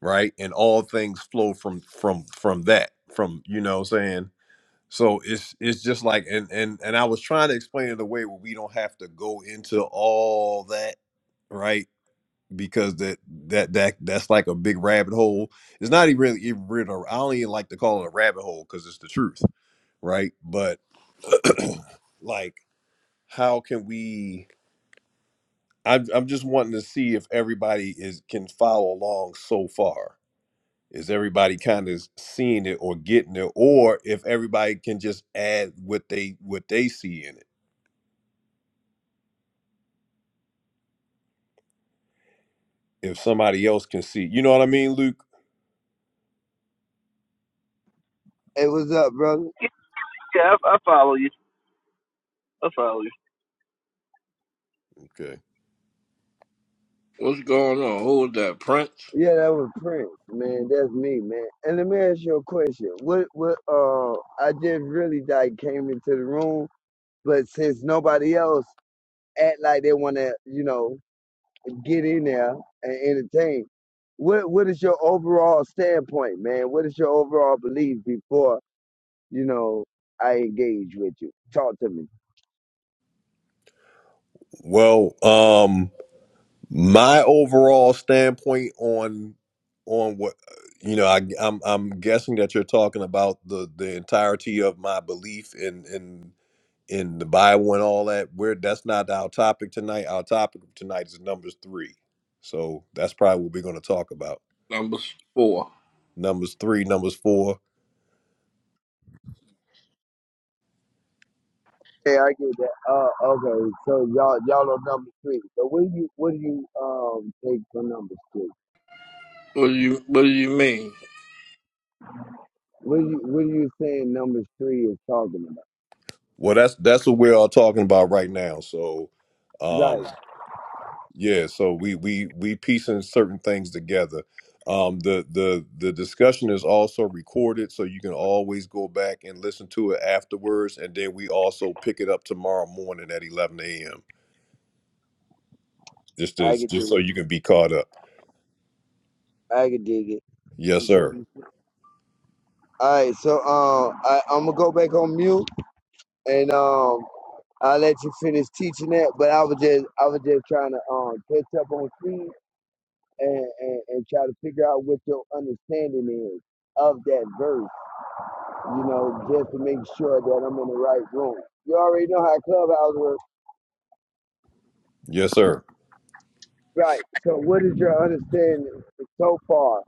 A: right and all things flow from from from that from you know what i'm saying so it's it's just like and and and i was trying to explain it a way where we don't have to go into all that right because that that that that's like a big rabbit hole it's not even really even really a- i don't even like to call it a rabbit hole because it's the truth right but like how can we I'm, I'm just wanting to see if everybody is can follow along so far is everybody kind of seeing it or getting it or if everybody can just add what they what they see in it if somebody else can see you know what i mean luke
I: Hey, what's up, brother?
H: saying. Yeah, I, I follow you. I follow you.
A: okay
D: What's going on? Who is that, Prince?
I: Yeah, that was Prince, man. That's me, man. And let me ask you a question. What, what, uh, I just really like came into the room, but since nobody else act like they want to, you know, get in there and entertain, what, what is your overall standpoint, man? What is your overall belief before, you know, I engage with you? Talk to me.
A: well um my overall standpoint on on what you know I, i'm i'm guessing that you're talking about the the entirety of my belief in in in the bible and all that where that's not our topic tonight our topic tonight is numbers three so that's probably what we're going to talk about
D: Number four.
A: numbers three, numbers four.
I: Yeah, I get that. Uh, okay, so y'all, y'all on number three. So what do you, what do you, um, take for number three?
D: What do you What do you mean?
I: What do you what do you saying number three is talking about?
A: Well, that's that's what we're all talking about right now. So, um,
I: Right.
A: yeah, so we we we piecing certain things together. Um, the the the discussion is also recorded, so you can always go back and listen to it afterwards, and then we also pick it up tomorrow morning at eleven a.m. Just to,
I: I can
A: just
I: dig
A: so
I: it.
A: you can be caught up.
I: I can dig it.
A: Yes,
I: So,
A: sir.
I: all right, so um I, I'm gonna go back on mute and um I'll let you finish teaching that, but I was just I was just trying to um catch up on speed and, and, and try to figure out what your understanding is of that verse, you know, just to make sure that I'm in the right room. You already know how clubhouse works.
A: Yes, sir.
I: Right. So, what is your understanding so far?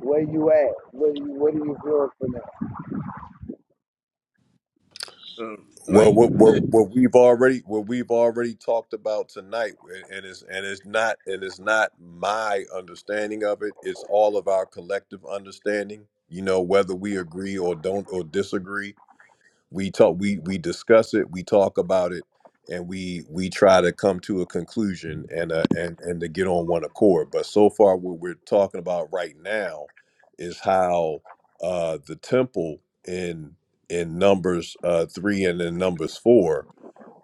I: Where you at? What are you What are you feeling from that?
D: Um, like
A: Well,
D: you
A: what, what
D: said,
A: what we've already what we've already talked about tonight, and and it's and it's not and it's not my understanding of it. It's all of our collective understanding. You know, whether we agree or don't or disagree, we talk we we discuss it we talk about it and we we try to come to a conclusion and uh, and and to get on one accord but so far what we're talking about right now is how uh the temple in in numbers uh 3 and in numbers 4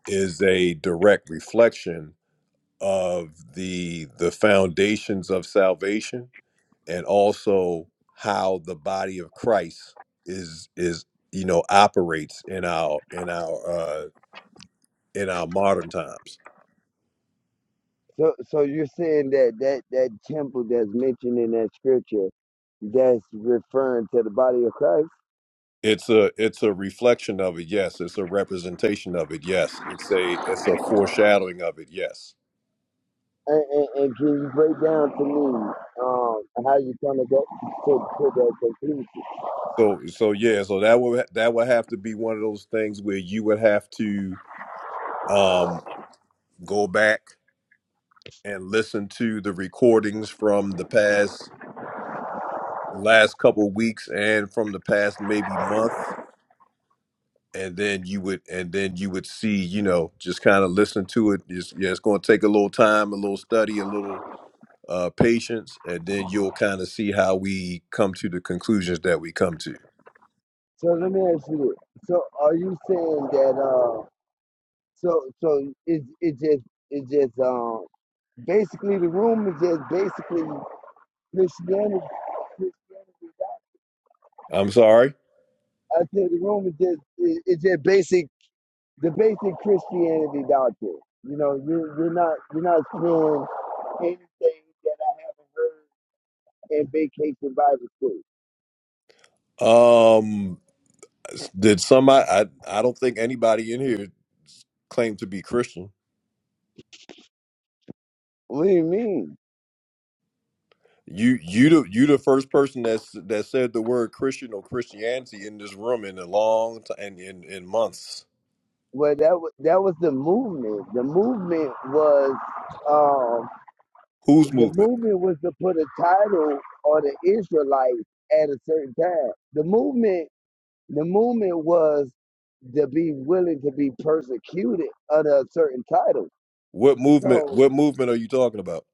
A: is a direct reflection of the the foundations of salvation and also how the body of Christ is is you know operates in our in our uh in our modern times.
I: So, so you're saying that that that temple that's mentioned in that scripture, that's referring to the body of Christ.
A: It's a it's a reflection of it, yes. It's a representation of it, yes. It's a it's a foreshadowing of it, yes.
I: And, and, and can you break down to me um, how you kind to get to, to that conclusion?
A: So so yeah, so that would that would have to be one of those things where you would have to um go back and listen to the recordings from the past last couple weeks and from the past maybe month and then you would and then you would see you know just kind of listen to it it's, yeah it's going to take a little time a little study a little uh, patience and then you'll kind of see how we come to the conclusions that we come to
I: So let me ask you this. So are you saying that uh so so it's it just it just um basically the room is just basically Christianity, Christianity.
A: i'm sorry
I: I think the room is just it- it's just basic the basic Christianity doctrine. You know, you you're not you're not screwing anything that I haven't heard in vacation Bible school.
A: um s- did somebody i, I don't think anybody in here claimed to be christian
I: What do you mean?
A: You you the you the first person that's that said the word Christian or Christianity in this room in a long time and in, in months.
I: Well, that was that was the movement. The movement was um
A: Whose
I: the
A: movement?
I: movement was to put a title on the Israelites at a certain time. The movement The movement was to be willing to be persecuted under a certain title.
A: What movement?
I: So
A: What movement are you talking about?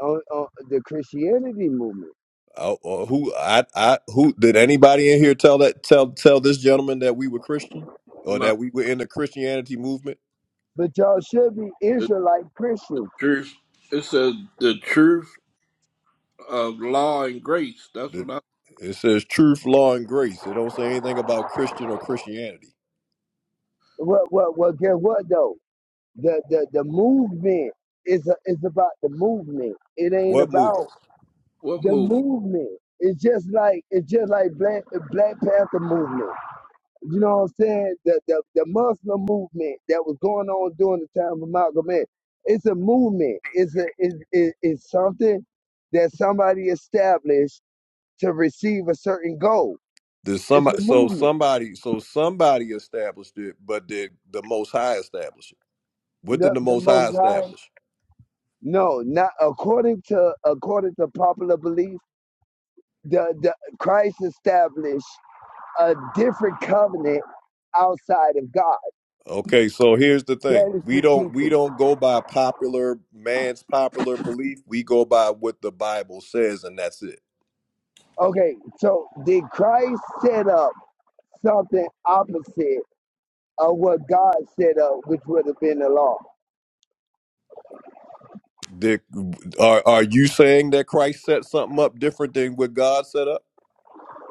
I: on, on the Christianity movement.
A: Uh, uh, who I I who did anybody in here tell that tell tell this gentleman that we were Christian or
D: not
A: that we were in the Christianity movement?
I: But y'all should be
D: the
I: Israelite Christians.
D: truth. It says the truth of law and grace. That's
A: The,
D: what I.
A: it says truth, law, and grace. It don't say anything about Christian or Christianity.
I: What what what guess what though? The the, the movement is a, is about the movement. It ain't
A: What
I: about
A: movement?
D: What
I: the
D: movement?
I: movement. It's just like it's just like Black Black Panther movement. You know what I'm saying? The, the the Muslim movement that was going on during the time of Malcolm X. It's a movement. It's a it's, it- it's something that somebody established to receive a certain goal.
A: Did
I: It's a
A: somebody so
I: movement.
A: somebody so somebody established it, but did the Most High establish it? What did
I: The,
A: the
I: the
A: Most High
I: most high.
A: establish?
I: No, not according to according to popular belief. The the Christ established a different covenant outside of God.
A: Okay, so here's the thing:
I: That is
A: we
I: the
A: don't we
I: teaching.
A: don't go by popular man's popular belief. We go by what the Bible says, and that's it.
I: Okay, so did Christ set up? something opposite of what God set up, which would have been the law.
A: The, are are you saying that Christ set something up different than what God set up?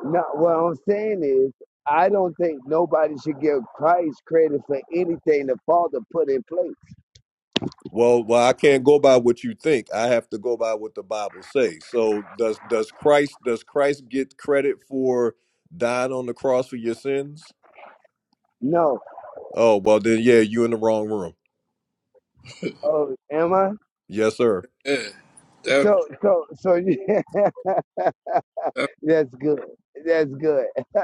I: Now, what I'm saying is, I don't think nobody should give Christ credit for anything the Father put in place.
A: Well, well, I can't go by what you think. I have to go by what the Bible says. So does does Christ does Christ get credit for dying on the cross for your sins?
I: No.
A: Oh well, then yeah, you in the wrong room.
I: Oh, am I?
A: Yes, sir.
D: Yeah, that,
I: So, so, so, yeah,
D: that,
I: that's good. That's good.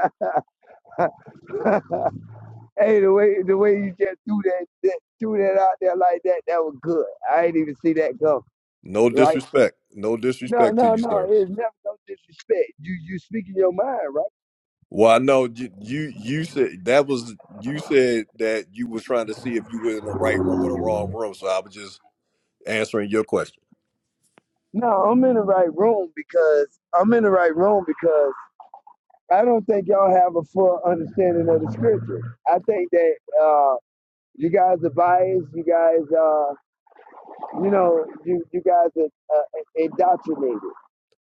I: hey, the way the way you just threw that, that threw that out there like that, that was good. I ain't even see that come.
A: No
I: Right?
A: disrespect. No
I: No,
A: disrespect to
I: no,
A: you,
I: no.
A: sir.
I: It's never no disrespect. You you speaking your mind, right?
A: Well, I know you, you. You said that was you said that you was trying to see if you were in the right room or the wrong room. So I was just answering your question.
I: No, I'm in the right room because I'm in the right room because I don't think y'all have a full understanding of the scripture. I think that uh, you guys are biased. You guys, uh, you know, you you guys are uh, indoctrinated.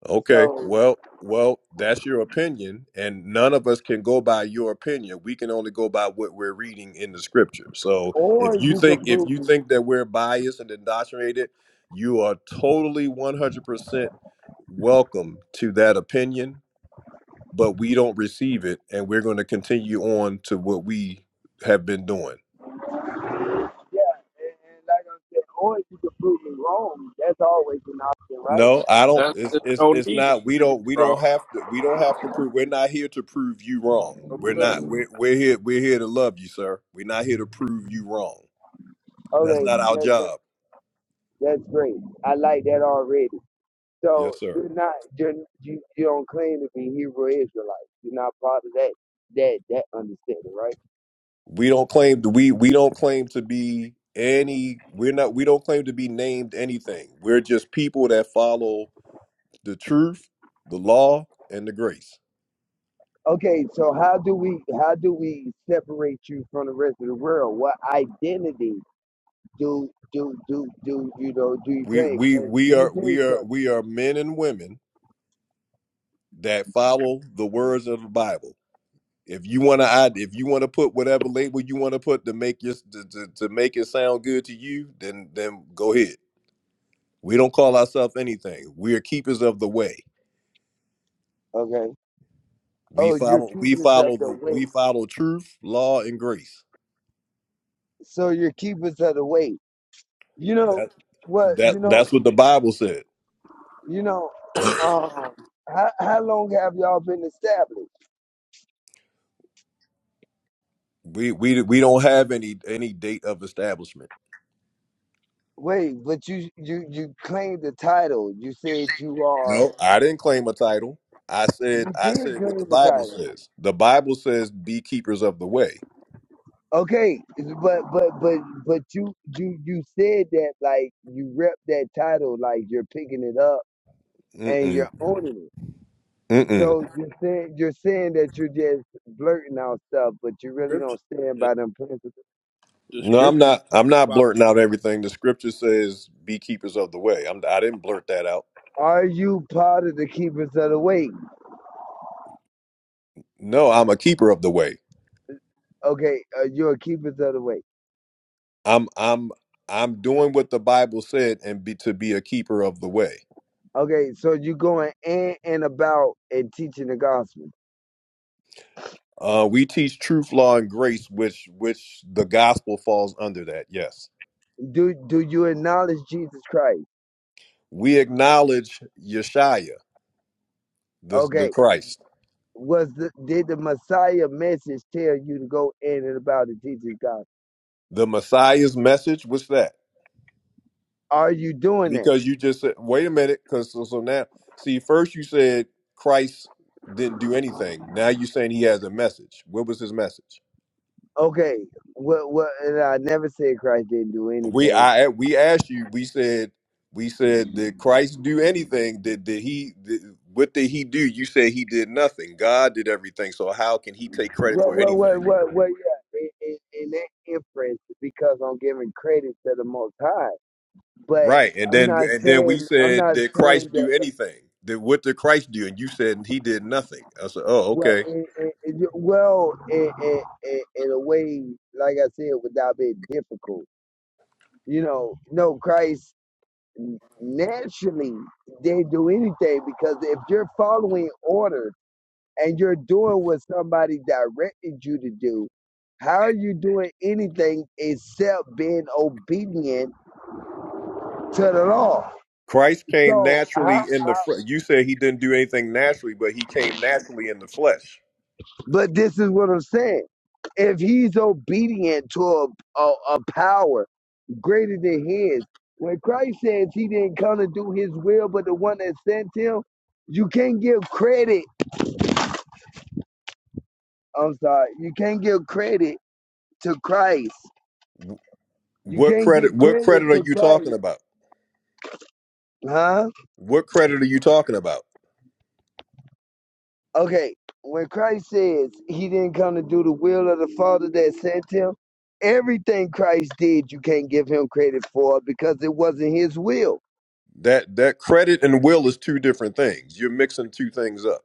A: Okay.
I: So,
A: Well, well, that's your opinion, and none of us can go by your opinion. We can only go by what we're reading in the scripture. So
I: or
A: if you
I: you
A: think
I: can
A: if
I: prove
A: you
I: me,
A: think that we're biased and indoctrinated, you are totally one hundred percent welcome to that opinion but we don't receive it and we're going to continue on to what we have been doing
I: yeah, and, and like I said, or you can prove me wrong. That's always an option, right?
A: no i don't
D: that,
A: it's,
D: there's
A: it's
D: no
A: it's
D: need to
A: not we
D: prove you
A: don't we don't
D: wrong.
A: have to we don't have to prove we're not here to prove you wrong
D: No,
A: we're
D: sir.
A: not we're, we're here we're here to love you sir we're not here to prove you wrong that's
I: Okay,
A: not our
I: that's
A: job
I: that's great. I like that already. So
A: yes sir
I: you're not you're, you you don't claim to be Hebrew Israelite. You're not part of that that that understanding, right?
A: we don't claim to we we don't claim to be any we're not we don't claim to be named anything we're just people that follow the truth the law and the grace
I: Okay, so how do we how do we separate you from the rest of the world? What identity do do do do you know do you
A: We
I: claim?
A: we
I: Hey,
A: we
I: Let me
A: are
I: tell you
A: we are
I: something.
A: we are men and women that follow the words of the Bible. If you want to, if you want to put whatever label you want to put to make your to, to, to make it sound good to you, then then go ahead. We don't call ourselves anything. We are keepers of the way.
I: Okay.
A: We
I: Oh, you're
A: follow we
I: keepers of
A: follow
I: the
A: the
I: weight.
A: we follow truth, law, and grace.
I: So you're keepers of the weight. You know
A: That
I: what?
A: that
I: You know
A: that's what the Bible said.
I: you know. Um, how how long have y'all been established?
A: We we we don't have any any date of establishment.
I: Wait, but you you you claimed the title. You said you are.
A: No, I didn't claim a title. I
I: You
A: said I
I: did
A: said what
I: claim
A: the
I: the
A: Bible
I: title.
A: says. The Bible says be keepers of the way.
I: Okay, but but but but you you you said that like you rep that title like you're picking it up and
A: Mm-mm.
I: you're owning it.
A: Mm-mm.
I: So you're saying you're saying that you're just blurting out stuff, but you really
D: Scripture,
I: don't stand
D: the,
I: by them principles.
D: the
A: No, I'm
D: scriptures.
A: not I'm not
D: about-
A: blurting out everything. The scripture says be keepers of the way. I'm I didn't blurt that out.
I: Are you part of the keepers of the way?
A: No, I'm a keeper of the way.
I: Okay, uh, you're a keepers of the way.
A: I'm I'm I'm doing what the Bible said and be to be a keeper of the way.
I: Okay, so you going in and about and teaching the gospel.
A: Uh we teach truth, law, and grace, which which the gospel falls under that, yes.
I: Do do you acknowledge Jesus Christ?
A: We acknowledge Yeshaya, the the
I: Okay.
A: Christ.
I: Was the did the Messiah message tell you to go in and about the teaching God?
A: The Messiah's message, what's that?
I: Are you doing that?
A: Because you just said, wait a minute, because so, so now, see, first you said Christ didn't do anything. Now you're saying he has a message. What was his message?
I: Okay. What what and I never said Christ didn't do
A: We
I: anything.
A: I we asked you. We said we said did Christ do anything? Did did he? Did, what did he do? You said he did nothing. God did everything. So how can he take credit
I: What
A: for
I: what
A: anything?
I: what what what yeah in, in, in that inference because I'm giving credit to the most high. But
A: Right. And
I: I'm
A: then
I: not
A: and then we
I: saying I'm
A: said,
I: not
A: did
I: saying
A: Christ do
I: that the
A: anything? Did what did Christ do? And you said he did nothing. I said, oh,
I: well,
A: okay.
I: it, it, it, well, in in in in a way, like I said, without being difficult. you know, know Christ, naturally they do anything because if you're following order and you're doing what somebody directed you to do, how are you doing anything except being obedient to the law?
A: Christ came
I: So, how,
A: naturally in the
I: how,
A: flesh. You said he didn't do anything naturally, but he came naturally in the flesh.
I: but this is what I'm saying. If he's obedient to a, a, a power greater than his, when Christ says he didn't come to do his will but the one that sent him, you can't give credit I'm sorry. You can't give credit to Christ. You
A: What
I: can't
A: credit?
I: give
A: What
I: credit
A: credit are
I: to
A: you talking
I: Christ.
A: about?
I: Huh?
A: What credit are you talking about?
I: Okay. When Christ says he didn't come to do the will of the Father that sent him, everything Christ did, you can't give him credit for because it wasn't his will.
A: That that credit and will is two different things. You're mixing two things up.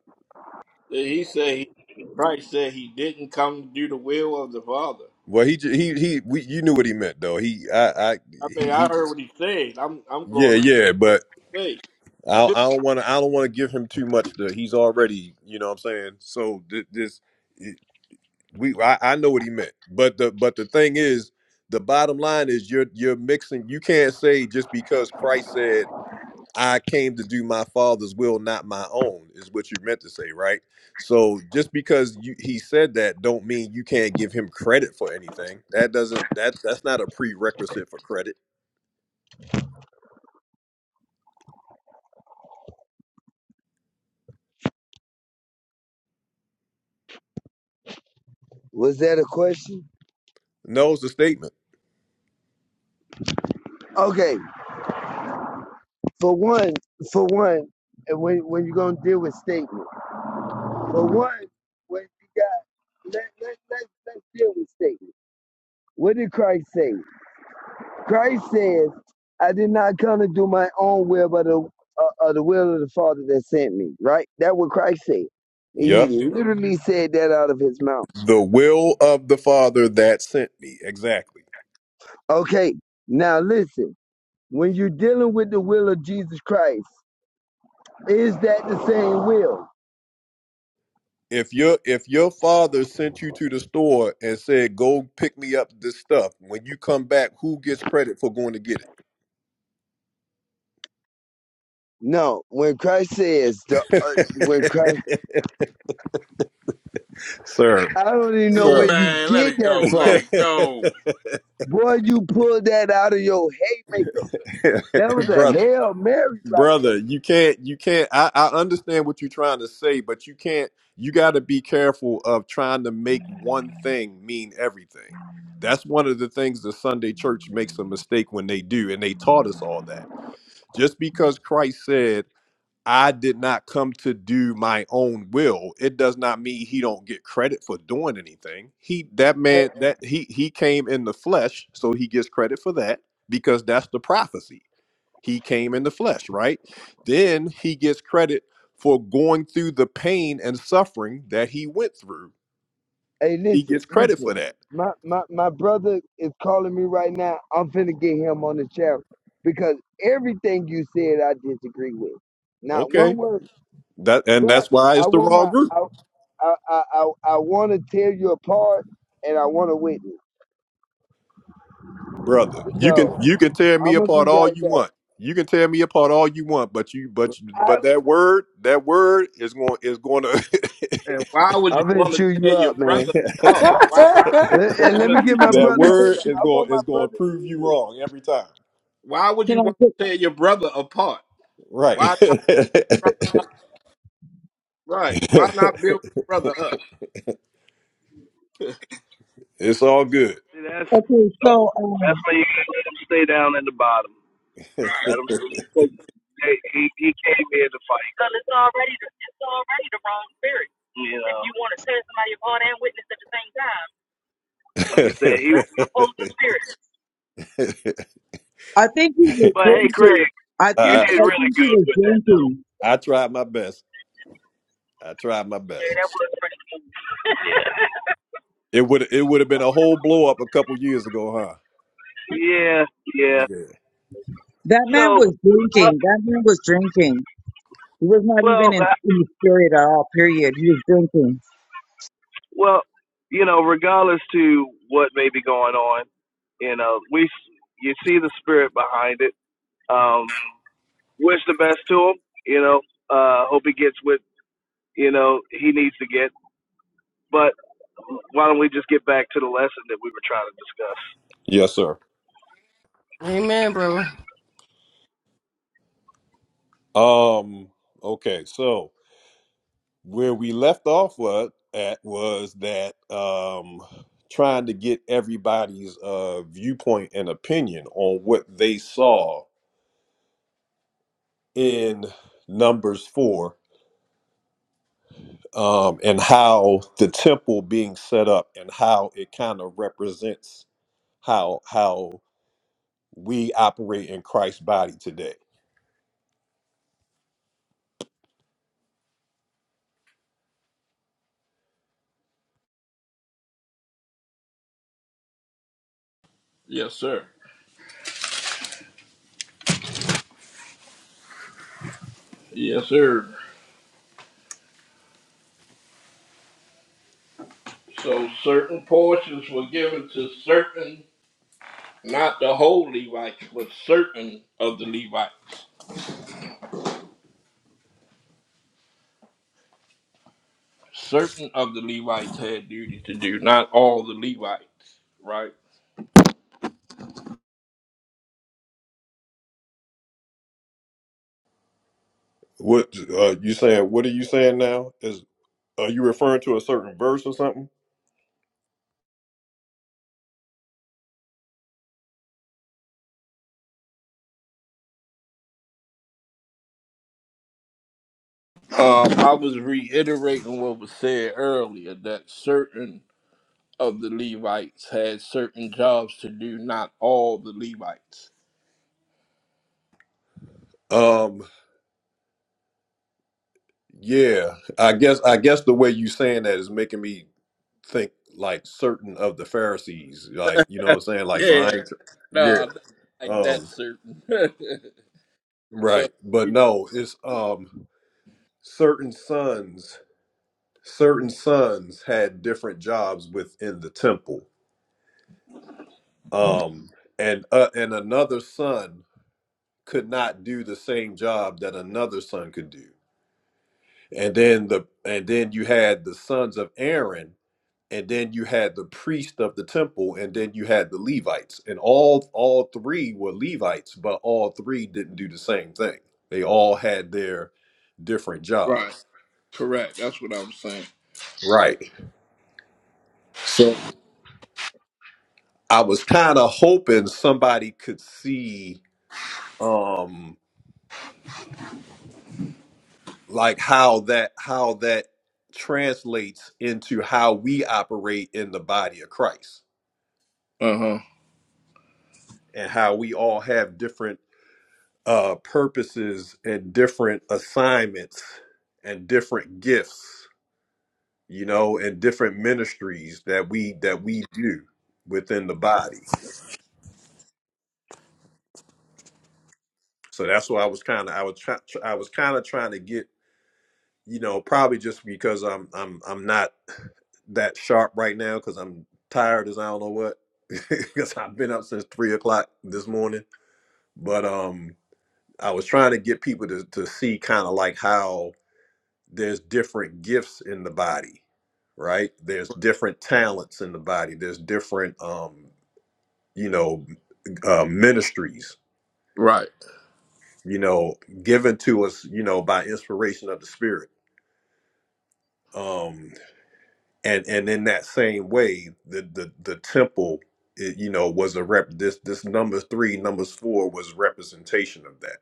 D: He said he, Christ said he didn't come to do the will of the Father.
A: Well, he j- he he. We, you knew what he meant, though. He I I
D: I
A: he
D: mean, I
A: he
D: heard
A: just
D: what he said. I'm I'm
A: yeah
D: going on
A: yeah. But
D: faith.
A: I I don't want to I don't want to give him too much. To, he's already you know what I'm saying. So th- this. we I, I know what he meant but the but the thing is the bottom line is you're you're mixing you can't say just because christ said i came to do my father's will not my own is what you meant to say right so just because you, he said that don't mean you can't give him credit for anything that doesn't that that's not a prerequisite for credit
I: Was that a question?
A: no it's a statement
I: Okay. For one, for one, and when, when you're going to deal with statement, for one, when you got, let, let, let, let's deal with statement. What did Christ say? Christ says, I did not come to do my own will, but the, uh, uh, the will of the Father that sent me, right? That what Christ said. He
A: yep
I: literally said that out of his mouth.
A: the will of the father that sent me exactly
I: Okay, now listen. When you're dealing with the will of Jesus Christ, is that the same will?
A: if your if your father sent you to the store and said go pick me up this stuff when you come back who gets credit for going to get
I: No. When Christ says, the, uh, when Christ,
A: it sir
I: I don't even know where
A: sir
I: you
C: Man, let
I: get
C: it
I: that
C: go, let
I: from.
C: it go.
I: Boy, you pulled that out of your haymaker. That was a
A: brother
I: Hail Mary, right?
A: brother you can't you can't I, I understand what you're trying to say but you can't you got to be careful of trying to make one thing mean everything that's one of the things the sunday church makes a mistake when they do and they taught us all that just because christ said I did not come to do my own will. It does not mean he don't get credit for doing anything. He that man that he he came in the flesh, so he gets credit for that because that's the prophecy. He came in the flesh, right? Then he gets credit for going through the pain and suffering that he went through.
I: Hey,
A: He
I: listen,
A: gets credit for
I: listen.
A: that.
I: My my my brother is calling me right now. I'm finna get him on the channel because everything you said I disagree with. Not
A: Okay.
I: one word.
A: That and
I: But
A: that's why it's
I: I
A: the
I: want my
A: wrong group.
I: I I I, I, I want to tear you apart and I want to witness.
A: brother. You can
I: So
A: you can tear me
I: I'm gonna
A: apart
I: be
A: all
I: right
A: you
I: back.
A: want. You can tear me apart all you want, but you but
I: I
A: but that word that word is going is going to
D: And why would you
I: I'm gonna
D: want
I: chew
D: to tear
I: you
D: your
I: up,
D: brother
I: man.
D: apart? Why
I: Let,
J: I
D: why
I: and
D: want
I: let
D: to,
I: me get
J: can
I: my
J: say
A: that
I: brother
J: something?
I: on
A: word
I: here.
A: is
I: I want
A: going
I: my
A: is going to
I: brother to
A: prove
I: hear
A: you
I: this.
A: wrong every time.
D: Why would
J: Can
D: you
J: I
D: want
J: put,
D: to tear your brother apart?
A: Right.
D: Why not? brother- Right? Why not build your brother up?
A: it's all good.
H: See, that's
J: okay, so
H: That's
J: um,
H: why you gotta let him stay down at the bottom. Let him. Stay. He he came here to fight. You know, like I said, he.
J: I think he was
H: But hey, Craig,
J: drinking. I
H: you
J: think
A: I,
H: did
J: I
H: really
J: think he
H: good
J: was
H: with that.
J: drinking.
A: I tried my best. I tried my best. It would it would have been a whole blow up a couple years ago, huh?
H: Yeah, yeah.
A: Yeah.
J: That man
H: So,
J: was
H: uh,
J: drinking. That man was drinking. He was not
H: well,
J: even in,
H: uh,
J: in the spirit at all. Period. He was drinking.
H: well, you know, regardless to what may be going on, you know, we you see the spirit behind it. Um, wish the best to him. You know, uh, hope he gets what you know he needs to get. But why don't we just get back to the lesson that we were trying to discuss?
A: Yes, sir.
F: Amen, brother.
A: Um. Okay. So. where we left off wa- at was that um, trying to get everybody's uh, viewpoint and opinion on what they saw in Numbers 4 um, and how the temple being set up and how it kind of represents how how we operate in Christ's body today.
D: yes, sir. Yes, sir. So certain portions were given to certain, not the whole Levites, but certain of the Levites. Certain of the Levites had duty to do, not all the Levites. Right?
A: What uh, you saying? What are you saying now? Is are you referring to a certain verse or something?
D: Um, I was reiterating what was said earlier that certain of the Levites had certain jobs to do, not all the Levites.
A: Um, Yeah, I guess I guess the way you saying that is making me think like certain of the Pharisees, like you know what I'm saying, like so I
D: Yeah,
A: ain't,
D: no,
A: yeah,
D: not like that
A: um,
D: certain,
A: right,
D: but
A: but
D: you know,
A: no, it's um certain sons, certain sons had different jobs within the temple, um, and uh, and another son could not do the same job that another son could do, and then the and then you had the sons of Aaron and then you had the priest of the temple and then you had the levites and all all three were levites but all three didn't do the same thing they all had their different
D: right,
A: jobs
D: correct. That's what I'm saying.
A: right so i was kind of hoping somebody could see um like how that how that translates into how we operate in the body of christ
D: Uh huh.
A: and how we all have different uh, purposes and different assignments and different gifts, you know, and different ministries that we that we do within the body. So that's why I was kind of I was try, I was kind of trying to get you know probably just because I'm I'm I'm not that sharp right now because I'm tired as I don't know what because I've been up since three o'clock this morning. But um, I was trying to get people to to see kind of like how there's different gifts in the body right there's different talents in the body there's different um you know uh, ministries
D: Right.
A: you know given to us you know by inspiration of the spirit um and and in that same way the the, the temple it, you know was a rep this this number three numbers four was representation of that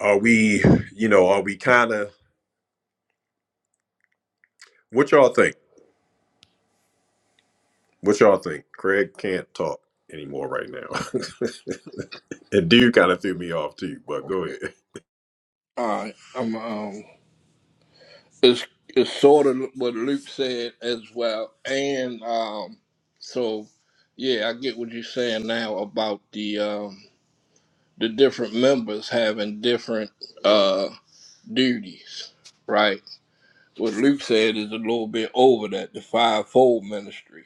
A: are we you know are we kind of what y'all think what y'all think craig can't talk anymore right now And dude kind of threw me off too, but go ahead.
D: All right. Um, um, it's it's sort of what Luke said as well, and um, so yeah, I get what you're saying now about the um the different members having different uh duties, right? What Luke said is a little bit over that, the fivefold ministry,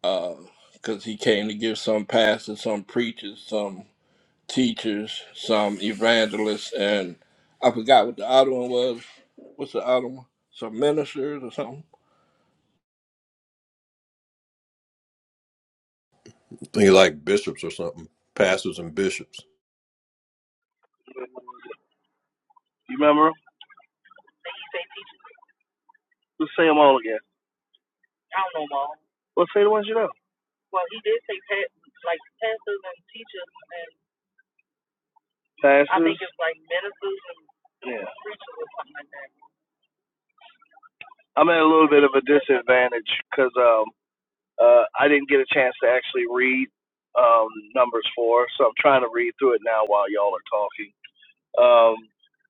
D: because he came to give some pastors, some preachers, some teachers, some evangelists, and I forgot what the other one was. What's the other one? Some ministers or something.
A: I Think you're like bishops or something, pastors and bishops.
H: You remember? 'em? Let's say them all again. Let's say the ones you know. Pass. Yeah. I'm at a little bit of a disadvantage because um, uh, I didn't get a chance to actually read um, numbers four, so I'm trying to read through it now while y'all are talking. Um,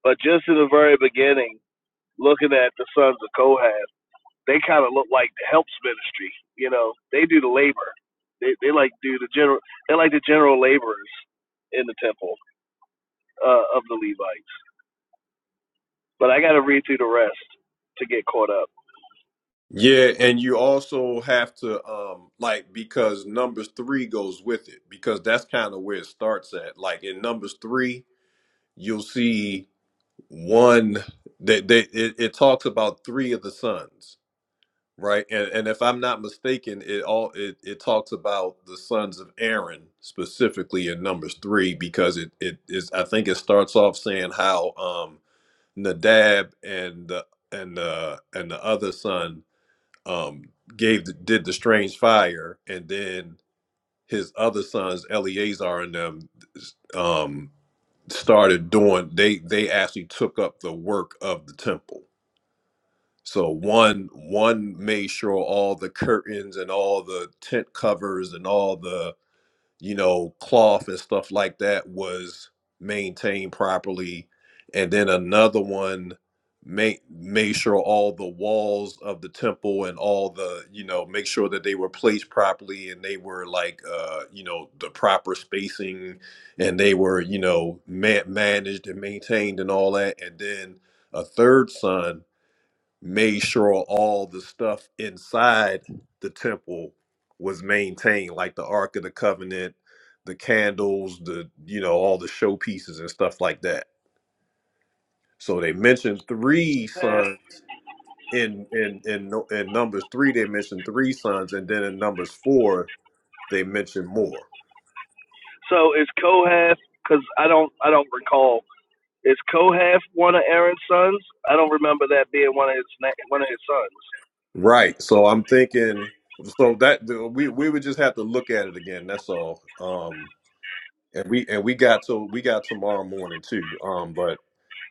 H: but just in the very beginning, looking at the sons of Kohath. they kind of look like the helps ministry. You know, they do the labor. They they like do the general. They like the general laborers in the temple uh, of the Levites. But I got to read through the rest to get caught up.
A: Yeah, and you also have to um like because numbers three goes with it because that's kind of where it starts at. Like in numbers three, you'll see one that they, it, it talks about three of the sons, right? And and if I'm not mistaken, it all it, it talks about the sons of Aaron specifically in numbers three because it it is I think it starts off saying how um Nadab and the and the and the other son um gave the, did the strange fire, and then his other sons Eleazar and them um started doing. They they actually took up the work of the temple. So one one made sure all the curtains and all the tent covers and all the you know, cloth and stuff like that was maintained properly. And then another one made made sure all the walls of the temple and all the, you know, make sure that they were placed properly and they were like uh, you know, the proper spacing and they were, you know, ma- managed and maintained and all that. And then a third son made sure all the stuff inside the temple was maintained, like the Ark of the Covenant, the candles, the you know all the showpieces and stuff like that. So they mentioned three sons in in in Nu- in Numbers three. They mentioned three sons, and then in Numbers four they mentioned more.
H: So is Kohath? Because I don't I don't recall. Is Kohath one of Aaron's sons? I don't remember that being one of his na- one of his sons.
A: Right. So I'm thinking. So that we we would just have to look at it again. That's all. Um, and we and we got to we got tomorrow morning too. Um, but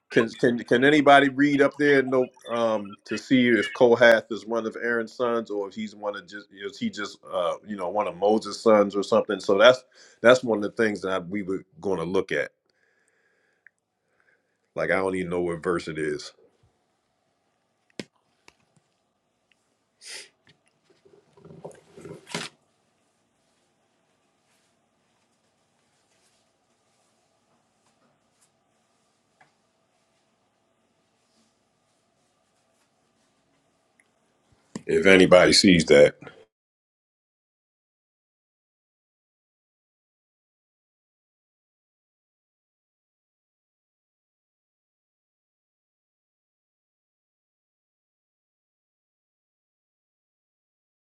A: Can can can anybody read up there? No, um, to see if Kohath is one of Aaron's sons, or if he's one of just is he just uh you know one of Moses' sons or something. So that's that's one of the things that I, we were going to look at. Like I don't even know what verse it is. If anybody sees that,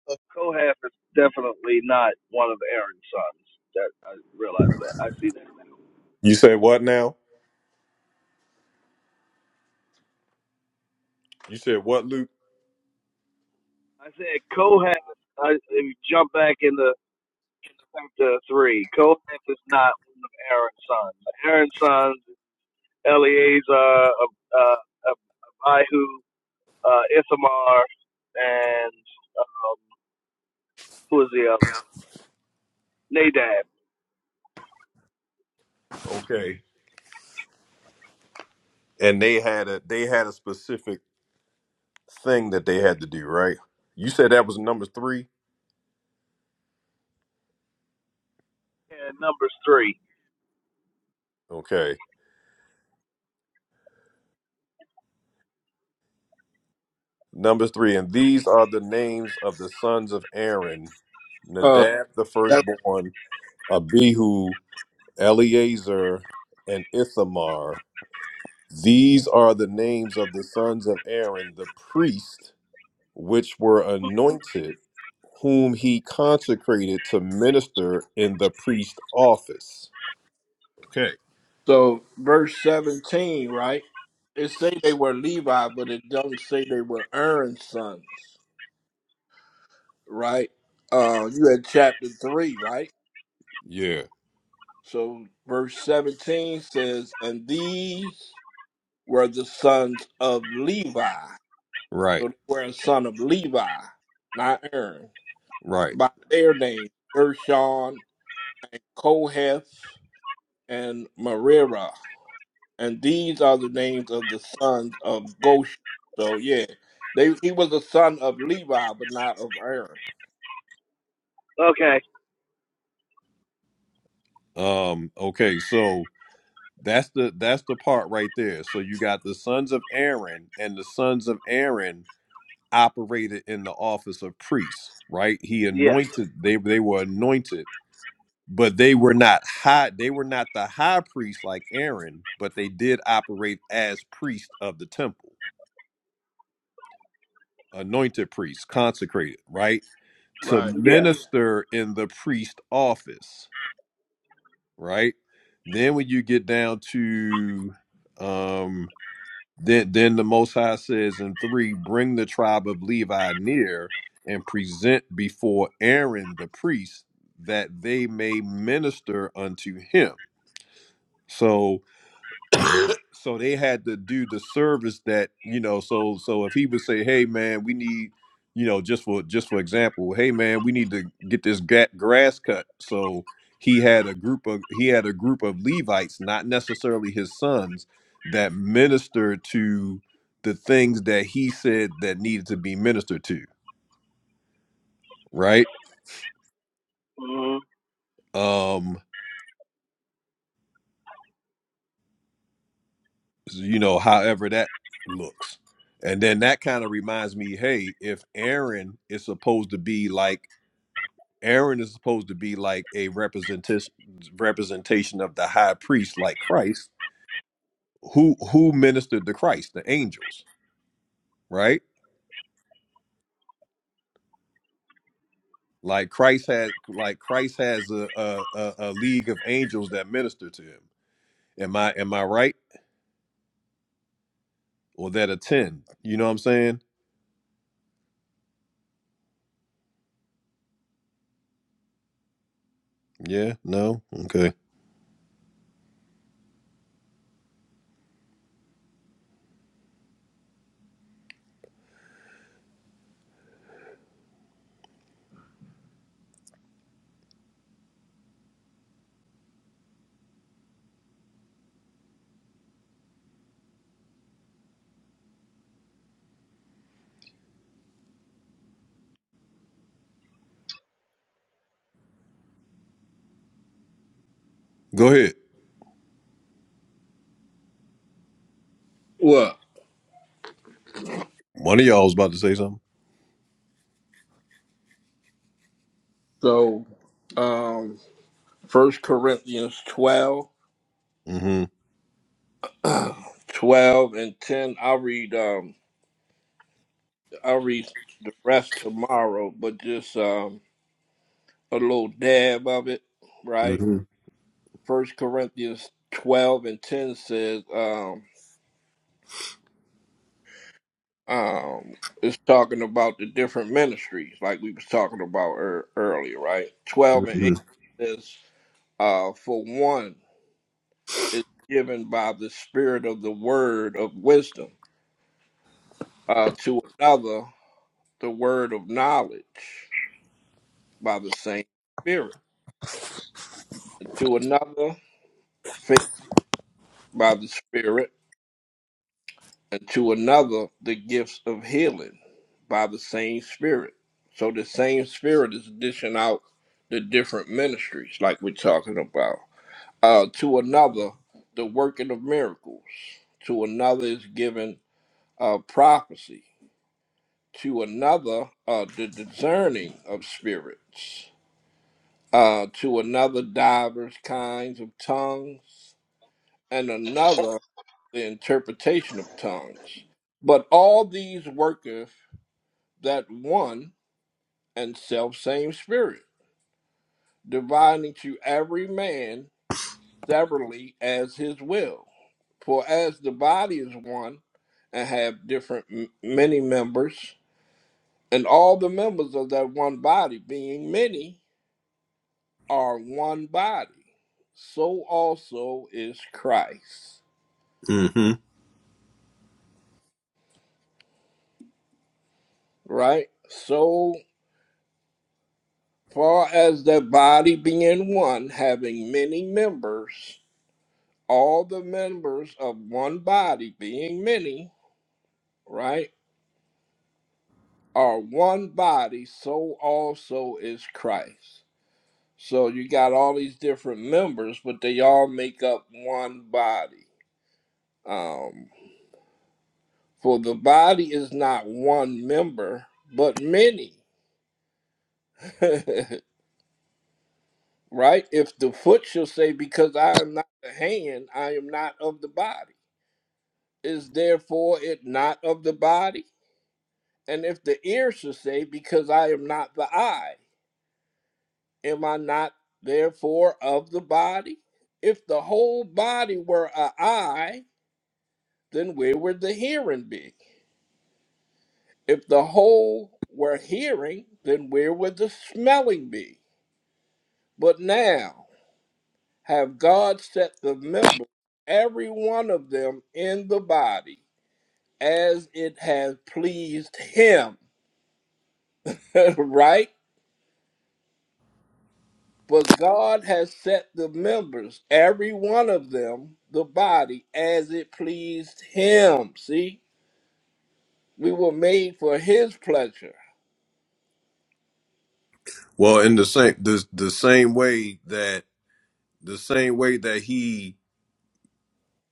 H: But Kohath is definitely not one of Aaron's sons. That I realize that. I see that. now.
A: you said what now? You said what, Luke?
H: I said Kohath. I, if you jump back into chapter three, Kohath is not one of Aaron's sons. Aaron's sons: Eleazar, uh, uh, Abihu, uh, Ithamar, and um, who was the other one? Nadab.
A: Okay. And they had a they had a specific thing that they had to do, right? You said that was number three.
H: And Numbers three.
A: Okay. Number three, and these are the names of the sons of Aaron
D: Uh,
A: Nadab the
D: that,
A: firstborn, Abihu, Eleazar, and Ithamar. These are the names of the sons of Aaron, the priest, which were anointed, whom he consecrated to minister in the priest office. Okay.
D: so verse seventeen, right? It say they were Levi, but it don't say they were Aaron's sons. right? Uh, you had chapter 3, right?
A: Yeah.
D: So verse 17 says, And these were the sons of Levi.
A: Right.
D: So they were a son of Levi, not Aaron,
A: Right.
D: by their names, Gershon, Kohath, and Merira. And these are the names of the sons of Goshen. So yeah, they he was a son of Levi, but not of Aaron.
H: Okay.
A: Um, okay, so That's the that's the part right there. So you got the sons of Aaron, and the sons of Aaron operated in the office of priests, right? He
H: Yeah.
A: anointed they they were anointed, but they were not high. They were not the high priest like Aaron, but they did operate as priests of the temple, anointed priests, consecrated, right, to
D: Right.
H: Yeah.
A: minister in the priest office, right. Then when you get down to um Then, then the Most High says in three, bring the tribe of Levi near and present before Aaron the priest that they may minister unto him. So so they had to do the service that you know so so if he would say hey man we need you know just for just for example hey man we need to get this ga- grass cut so he had a group of he had a group of levites not necessarily his sons that ministered to the things that he said that needed to be ministered to right
H: hmm
A: um you know however that looks and then that kind of reminds me hey if aaron is supposed to be like Aaron is supposed to be like a representation representation of the high priest, like Christ. Who who ministered to Christ? The angels, right? Like Christ had, like Christ has a a, a, a league of angels that minister to him. Am I am I right? Or that attend? You know what I'm saying? Yeah. No. Okay. Go ahead.
D: Well,
A: One of y'all was about to say something.
D: so um, First Corinthians 12,
A: hmm
D: 12 and 10. I'll read um I'll read the rest tomorrow, but just um a little dab of it, right?
A: hmm
D: First Corinthians 12 and 10 says um um it's talking about the different ministries like we was talking about ear earlier, right? 12 and
A: hmm
D: 8 says uh for one is given by the spirit of the word of wisdom uh to another the word of knowledge by the same Spirit, and to another faith by the Spirit, and to another the gifts of healing by the same Spirit. So the same Spirit is dishing out the different ministries, like we're talking about. Uh, to another, the working of miracles. To another is given uh, prophecy. To another, uh, the discerning of spirits uh, to another divers kinds of tongues, and another the interpretation of tongues. But all these worketh that one and self same Spirit, dividing to every man severally as his will. For as the body is one, and have different m- many members, and all the members of that one body, being many, are one body, so also is Christ.
A: hmm
D: right? So far as the body being one, having many members, all the members of one body being many, right, are one body, so also is Christ. So you got all these different members, but they all make up one body. Um, for the body is not one member, but many. right? If the foot shall say, Because I am not the hand, I am not of the body, is therefore it not of the body? And if the ear shall say, Because I am not the eye, am I not therefore of the body? If the whole body were a eye, then where would the hearing be? If the whole were hearing, then where would the smelling be? But now, have God set the members, every one of them, in the body as it has pleased him. right? But God has set the members, every one of them, the body, as it pleased him. See, we were made for his pleasure.
A: Well, in the same the the same way that the same way that he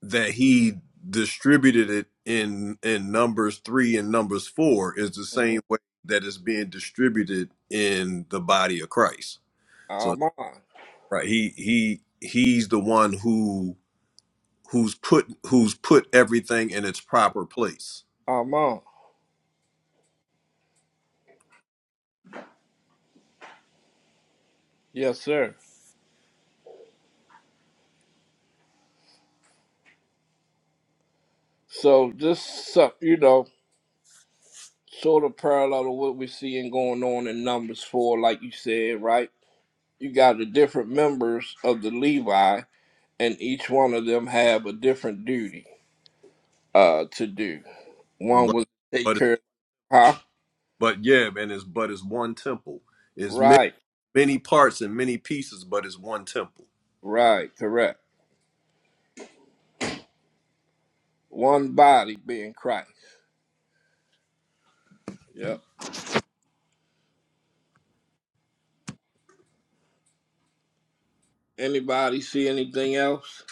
A: that he distributed it in in numbers 3 and numbers 4 is the
D: hmm
A: same way that it's being distributed in the body of Christ. So
D: Amen.
A: right he he he's the one who who's put who's put everything in its proper place.
D: Amen. Yes, sir. So just some- you know, sort of parallel to what we're seeing going on in Numbers four, like you said, right? you got the different members of the Levi, and each one of them have a different duty uh, to do. One
A: But
D: was to take
A: but
D: care, of, huh?
A: but yeah, man, it's but it's one temple. It's many
D: Right,
A: many parts and many pieces, but it's one temple.
D: right, correct. One body being Christ. Yep. Anybody see anything else?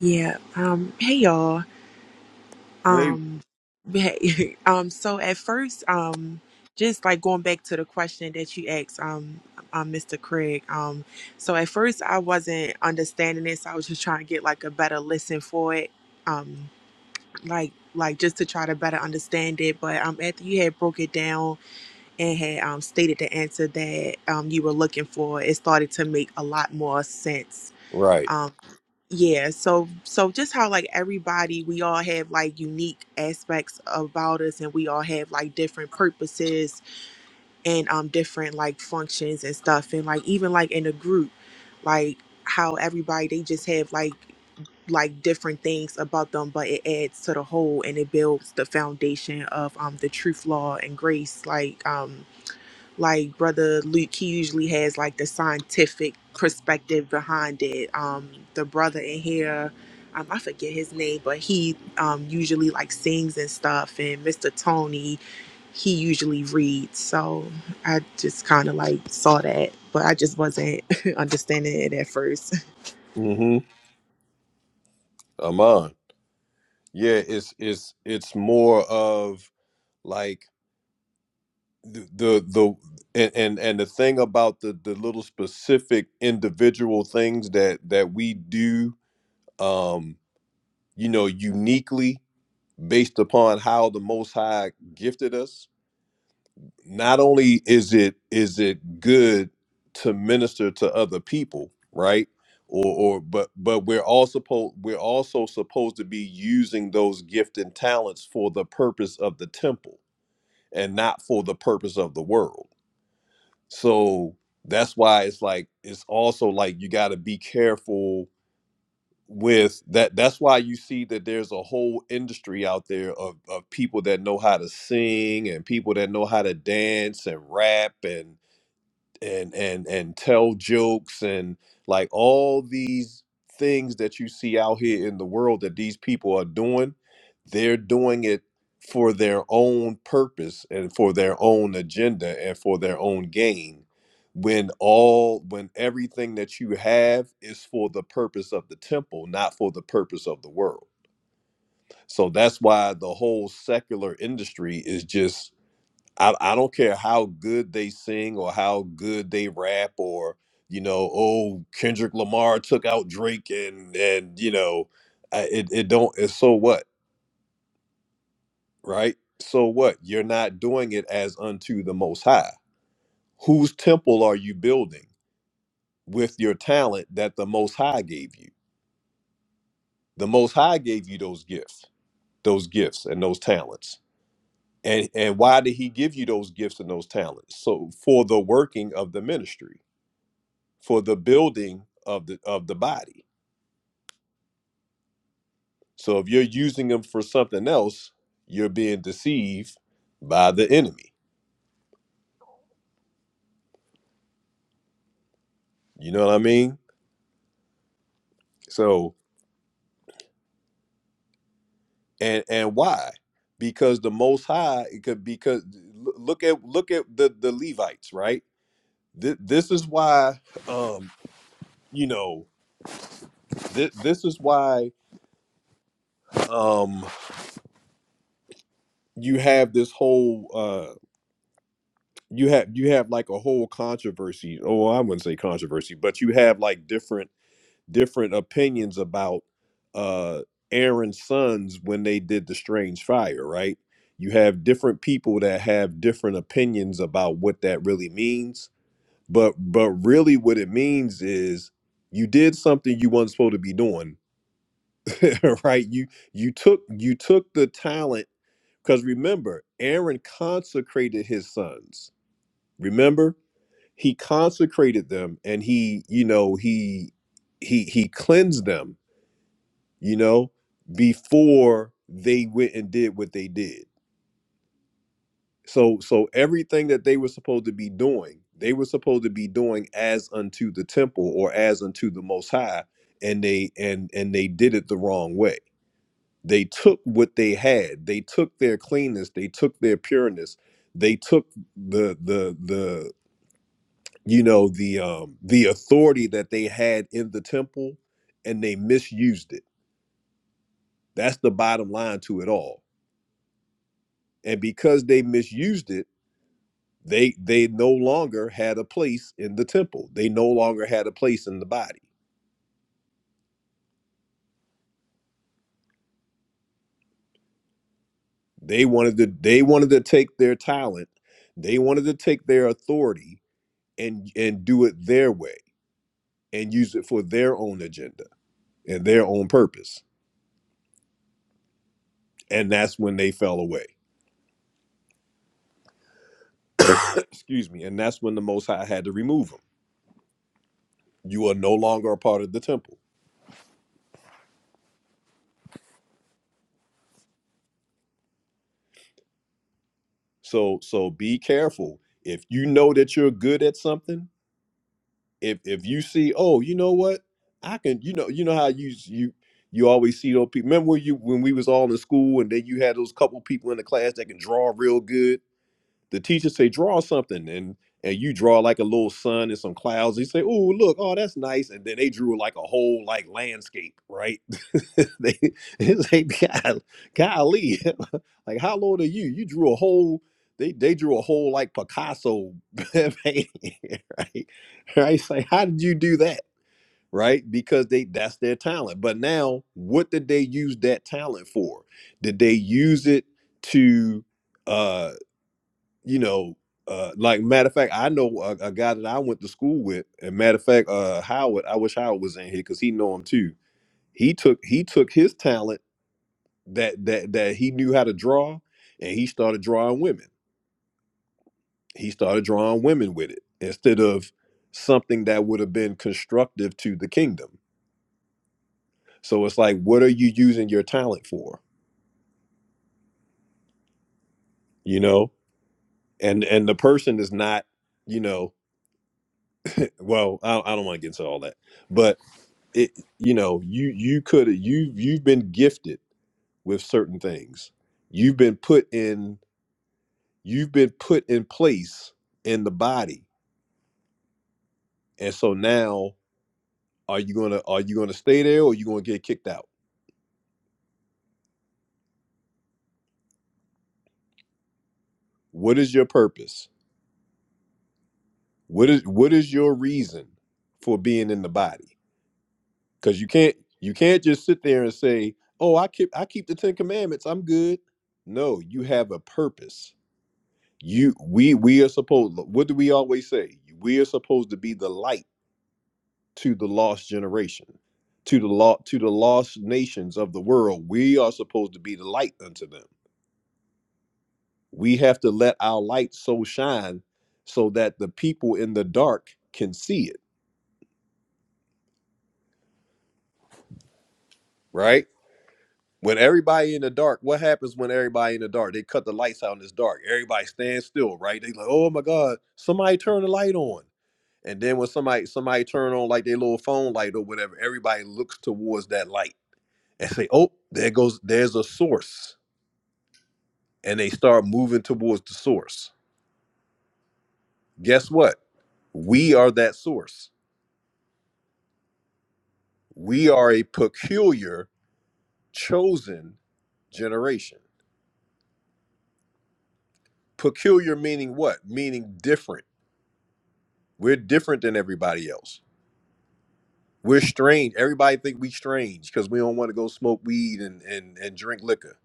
K: Yeah. Um, hey y'all.
A: Right.
K: Um, hey, um, so at first, um, just like going back to the question that you asked, um, um, Mr. Craig. Um, so at first I wasn't understanding this. I was just trying to get like a better listen for it. Um, like like just to try to better understand it. But um after you had broke it down and had um stated the answer that um you were looking for, it started to make a lot more sense.
A: Right.
K: um, yeah so so just how like everybody we all have like unique aspects about us and we all have like different purposes and um different like functions and stuff and like even like in a group like how everybody they just have like like different things about them but it adds to the whole and it builds the foundation of um the truth law and grace like um like brother luke he usually has like the scientific perspective behind it um the brother in here um, i forget his name but he um usually like sings and stuff and mr tony he usually reads so i just kind of like saw that but i just wasn't understanding it at first
A: Mm-hmm. Amon. Yeah, it's it's it's more of like the the the- and, and and the thing about the the little specific individual things that that we do um you know uniquely based upon how the most high gifted us not only is it is it good to minister to other people right or or but but we're all supposed we're also supposed to be using those gift and talents for the purpose of the temple and not for the purpose of the world So that's why it's like it's also like you got to be careful with that. That's why you see that there's a whole industry out there of of people that know how to sing and people that know how to dance and rap and and and and tell jokes and like all these things that you see out here in the world that these people are doing they're doing it for their own purpose and for their own agenda and for their own gain when all when everything that you have is for the purpose of the temple not for the purpose of the world so that's why the whole secular industry is just I, I don't care how good they sing or how good they rap or you know oh Kendrick Lamar took out Drake and and you know I- it it don't it's so what right so what you're not doing it as unto the most high whose temple are you building with your talent that the most high gave you the most high gave you those gifts those gifts and those talents and and why did he give you those gifts and those talents so for the working of the ministry for the building of the of the body. So if you're using them for something else, you're being deceived by the enemy. You know what I mean? So and and why? Because the Most High it could because l- look at look at the the Levites right. Th- this is why um you know th- this is why um you have this whole uh you have you have like a whole controversy. Oh, I wouldn't say controversy, but you have like different different opinions about uh Aaron's sons when they did the strange fire, right? You have different people that have different opinions about what that really means. But but really what it means is you did something you weren't supposed to be doing, right? You you took you took the talent because remember, Aaron consecrated his sons. Remember? He consecrated them and he, you know, he he he cleansed them you know, before they went and did what they did. So so everything that they were supposed to be doing, they were supposed to be doing as unto the temple or as unto the most high, and they and and they did it the wrong way. They took what they had, they took their cleanness, they took their pureness, they took the the the you know the um the authority that they had in the temple and they misused it. That's the bottom line to it all and because they misused it they they no longer had a place in the temple they no longer had a place in the body they wanted to they wanted to take their talent they wanted to take their authority and and do it their way and use it for their own agenda and their own purpose and that's when they fell away excuse me and that's when the most high had to remove them you are no longer a part of the temple so so be careful if you know that you're good at something if if you see, oh, you know what, I can, you know, you know how you you you always see those people. Remember when you when we was all in school, and then you had those couple people in the class that can draw real good, the teacher say draw something and and you draw like a little sun and some clouds. You say, "Oh, look, oh, that's nice." And then they drew like a whole like landscape, right? they it's like, "God- golly, like how old are you? You drew a whole. They they drew a whole like Picasso, painting, right? Right? It's like, how did you do that? Right? Because they that's their talent. But now, what did they use that talent for? Did they use it to? uh, you know, uh, like matter of fact, I know a, a guy that I went to school with, and matter of fact, uh, Howard. I wish Howard was in here because he know him too. He took he took his talent that that that he knew how to draw, and he started drawing women. He started drawing women with it instead of something that would have been constructive to the kingdom. So it's like, what are you using your talent for? You know, and and the person is not, you know, well, I, I don't want to get into all that, but. it you know you you could you you've been gifted with certain things you've been put in you've been put in place in the body and so now are you gonna are you gonna stay there or are you gonna get kicked out what is your purpose what is what is your reason for being in the body because you can't you can't just sit there and say oh i keep i keep the ten commandments i'm good no you have a purpose you we we are supposed what do we always say we are supposed to be the light to the lost generation to the law, to the lost nations of the world we are supposed to be the light unto them we have to let our light so shine so that the people in the dark can see it right when everybody in the dark what happens when everybody in the dark they cut the lights out and it's dark everybody stands still right they like oh my god somebody turn the light on And then when somebody somebody turn on like their little phone light or whatever, everybody looks towards that light and say, "Oh, there goes there's a source." And they start moving towards the source. Guess what? We are that source. We are a peculiar chosen generation. Peculiar meaning what? Meaning different. We're different than everybody else. We're strange. Everybody think we strange because we don't want to go smoke weed and, and and drink liquor.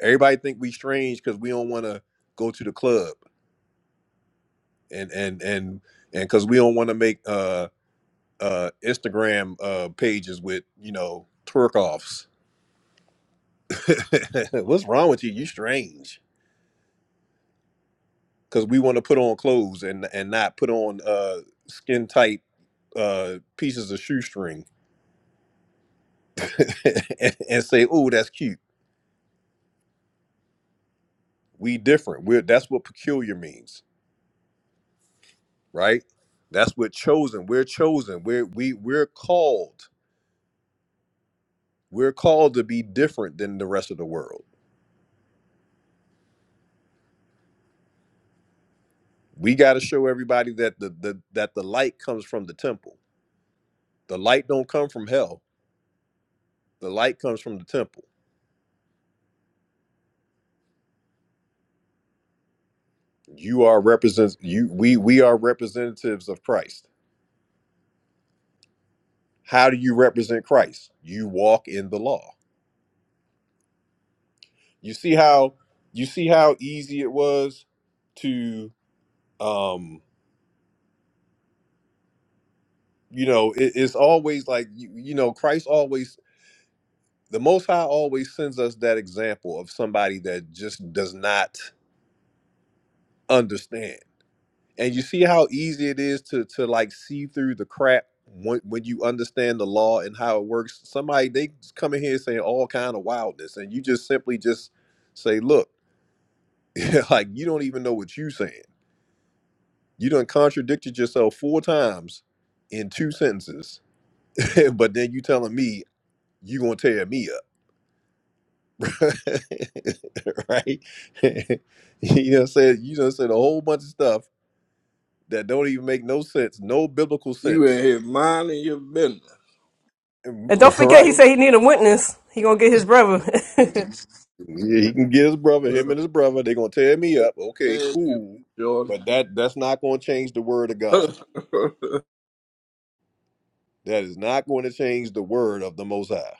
A: Everybody think we strange because we don't want to go to the club. and and and and because we don't want to make uh uh instagram uh pages with you know twerk offs what's wrong with you you strange because we want to put on clothes and and not put on uh skin tight uh pieces of shoestring and, and say oh that's cute we different we're that's what peculiar means right that's what chosen we're chosen we're we, we're called we're called to be different than the rest of the world we got to show everybody that the, the that the light comes from the temple the light don't come from hell the light comes from the temple you are represents you we we are representatives of christ how do you represent christ you walk in the law you see how you see how easy it was to um you know it, it's always like you, you know christ always the most high always sends us that example of somebody that just does not understand and you see how easy it is to to like see through the crap when, when you understand the law and how it works somebody they come in here saying all kind of wildness and you just simply just say look like you don't even know what you saying you done contradicted yourself four times in two sentences but then you telling me you gonna tear me up right you know said you done said a whole bunch of stuff that don't even make no sense no biblical
D: You in
A: sense
D: here minding your business.
F: And don't forget, he
A: right
D: Ain't
F: said he need a witness. He gonna get his brother.
A: Yeah, he can get his brother, him and his brother. They're gonna tear me up. Okay,
D: saying you,
A: cool.
D: Jordan.
A: But that that's not gonna change the word of God.
D: that's
A: That is not going to change the word of the Most High.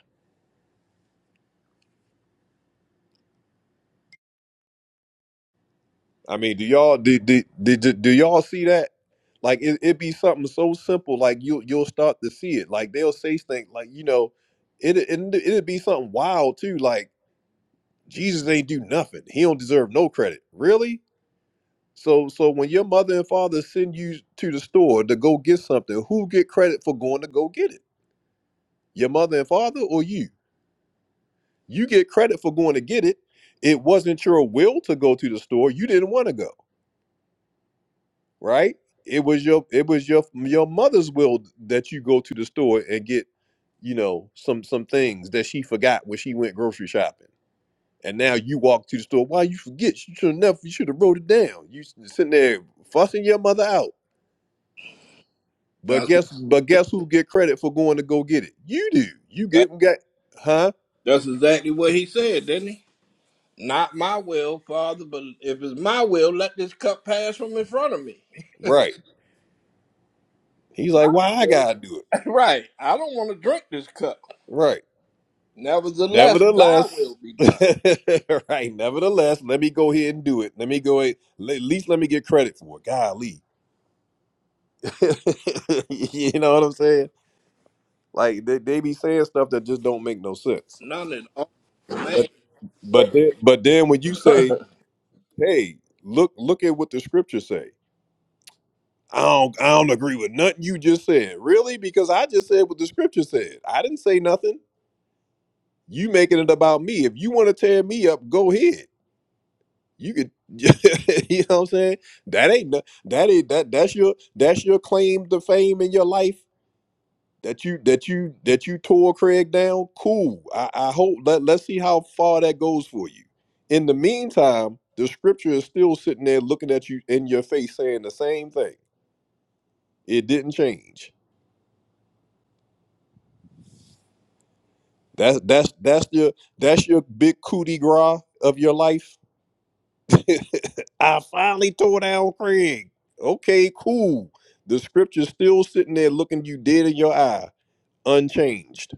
A: I mean, do y'all do do, do, do, do y'all see that? Like it, it be something so simple, like you you'll start to see it. Like they'll say things like you know, it it it'd be something wild too. Like Jesus ain't do nothing. He don't deserve no credit. Really? So so when your mother and father send you to the store to go get something, who get credit for going to go get it? your mother and father or you you get credit for going to get it it wasn't your will to go to the store you didn't want to go right it was your it was your your mother's will that you go to the store and get you know some some things that she forgot when she went grocery shopping and now you walk to the store why you forget you should have never you should have wrote it down you s- sitting there fussing your mother out but
D: what.
A: guess but guess who get credit for going to go get it you do you
D: That,
A: get got huh
D: that's exactly what he said, didn't he? Not my will, Father, but if it's my will, let this cup pass from in front of me.
A: right he's like
D: My
A: why i
D: will.
A: gotta do it
D: right. I don't want to drink this cup.
A: Right.
D: Nevertheless, thy
A: Nevertheless,
D: will be done.
A: right. Nevertheless, let me go ahead and do it. Let me go ahead. le- At least let me get credit for it. Golly, you know what I'm saying? Like they, they be saying stuff that just don't make no sense.
D: None at all. Man.
A: But but then but then when you say, hey, look look at what the scriptures say. I don't I don't agree with nothing you just said. Really? Because I just said what the scripture said. I didn't say nothing. You making it about me. If you want to tear me up, go ahead. you could you know what i'm saying that ain't no- that ain't that that's your that's your claim to fame in your life that you that you that you tore craig down cool i, I hope let, let's see how far that goes for you in the meantime the scripture is still sitting there looking at you in your face saying the same thing it didn't change that's that's that's your that's your big coup de grace of your life I finally tore down Craig. Okay, cool. The scripture's still sitting there looking you dead in your eye, unchanged.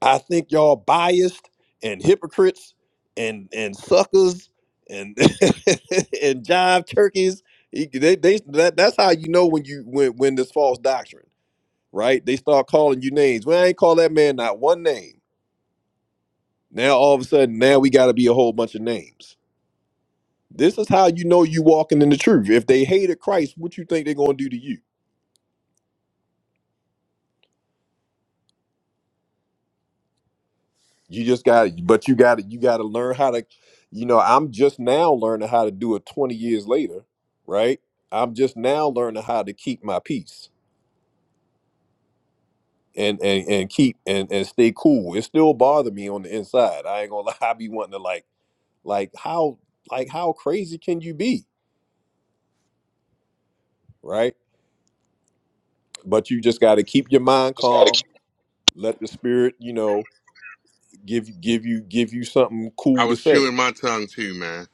A: I think y'all biased and hypocrites and and suckers and and jive turkeys. He- They, they, that, that's how you know when you when when this false doctrine, right? They start calling you names. Well, I ain't call that man not one name. Now all of a sudden, now we got to be a whole bunch of names. This is how you know you walking in the truth. If they hated Christ, what you think they're gonna do to you? You just got, but you got to you got to learn how to. You know, I'm just now learning how to do it 20 years later, right? I'm just now learning how to keep my peace and and and keep and and stay cool. It still bother me on the inside. I ain't gonna lie. I be wanting to like like how like how crazy can you be, right? But you just got to keep your mind calm. Let the spirit, you know, give give you give you something
C: I
A: cool to
C: was
A: say
C: chewing my tongue too, man.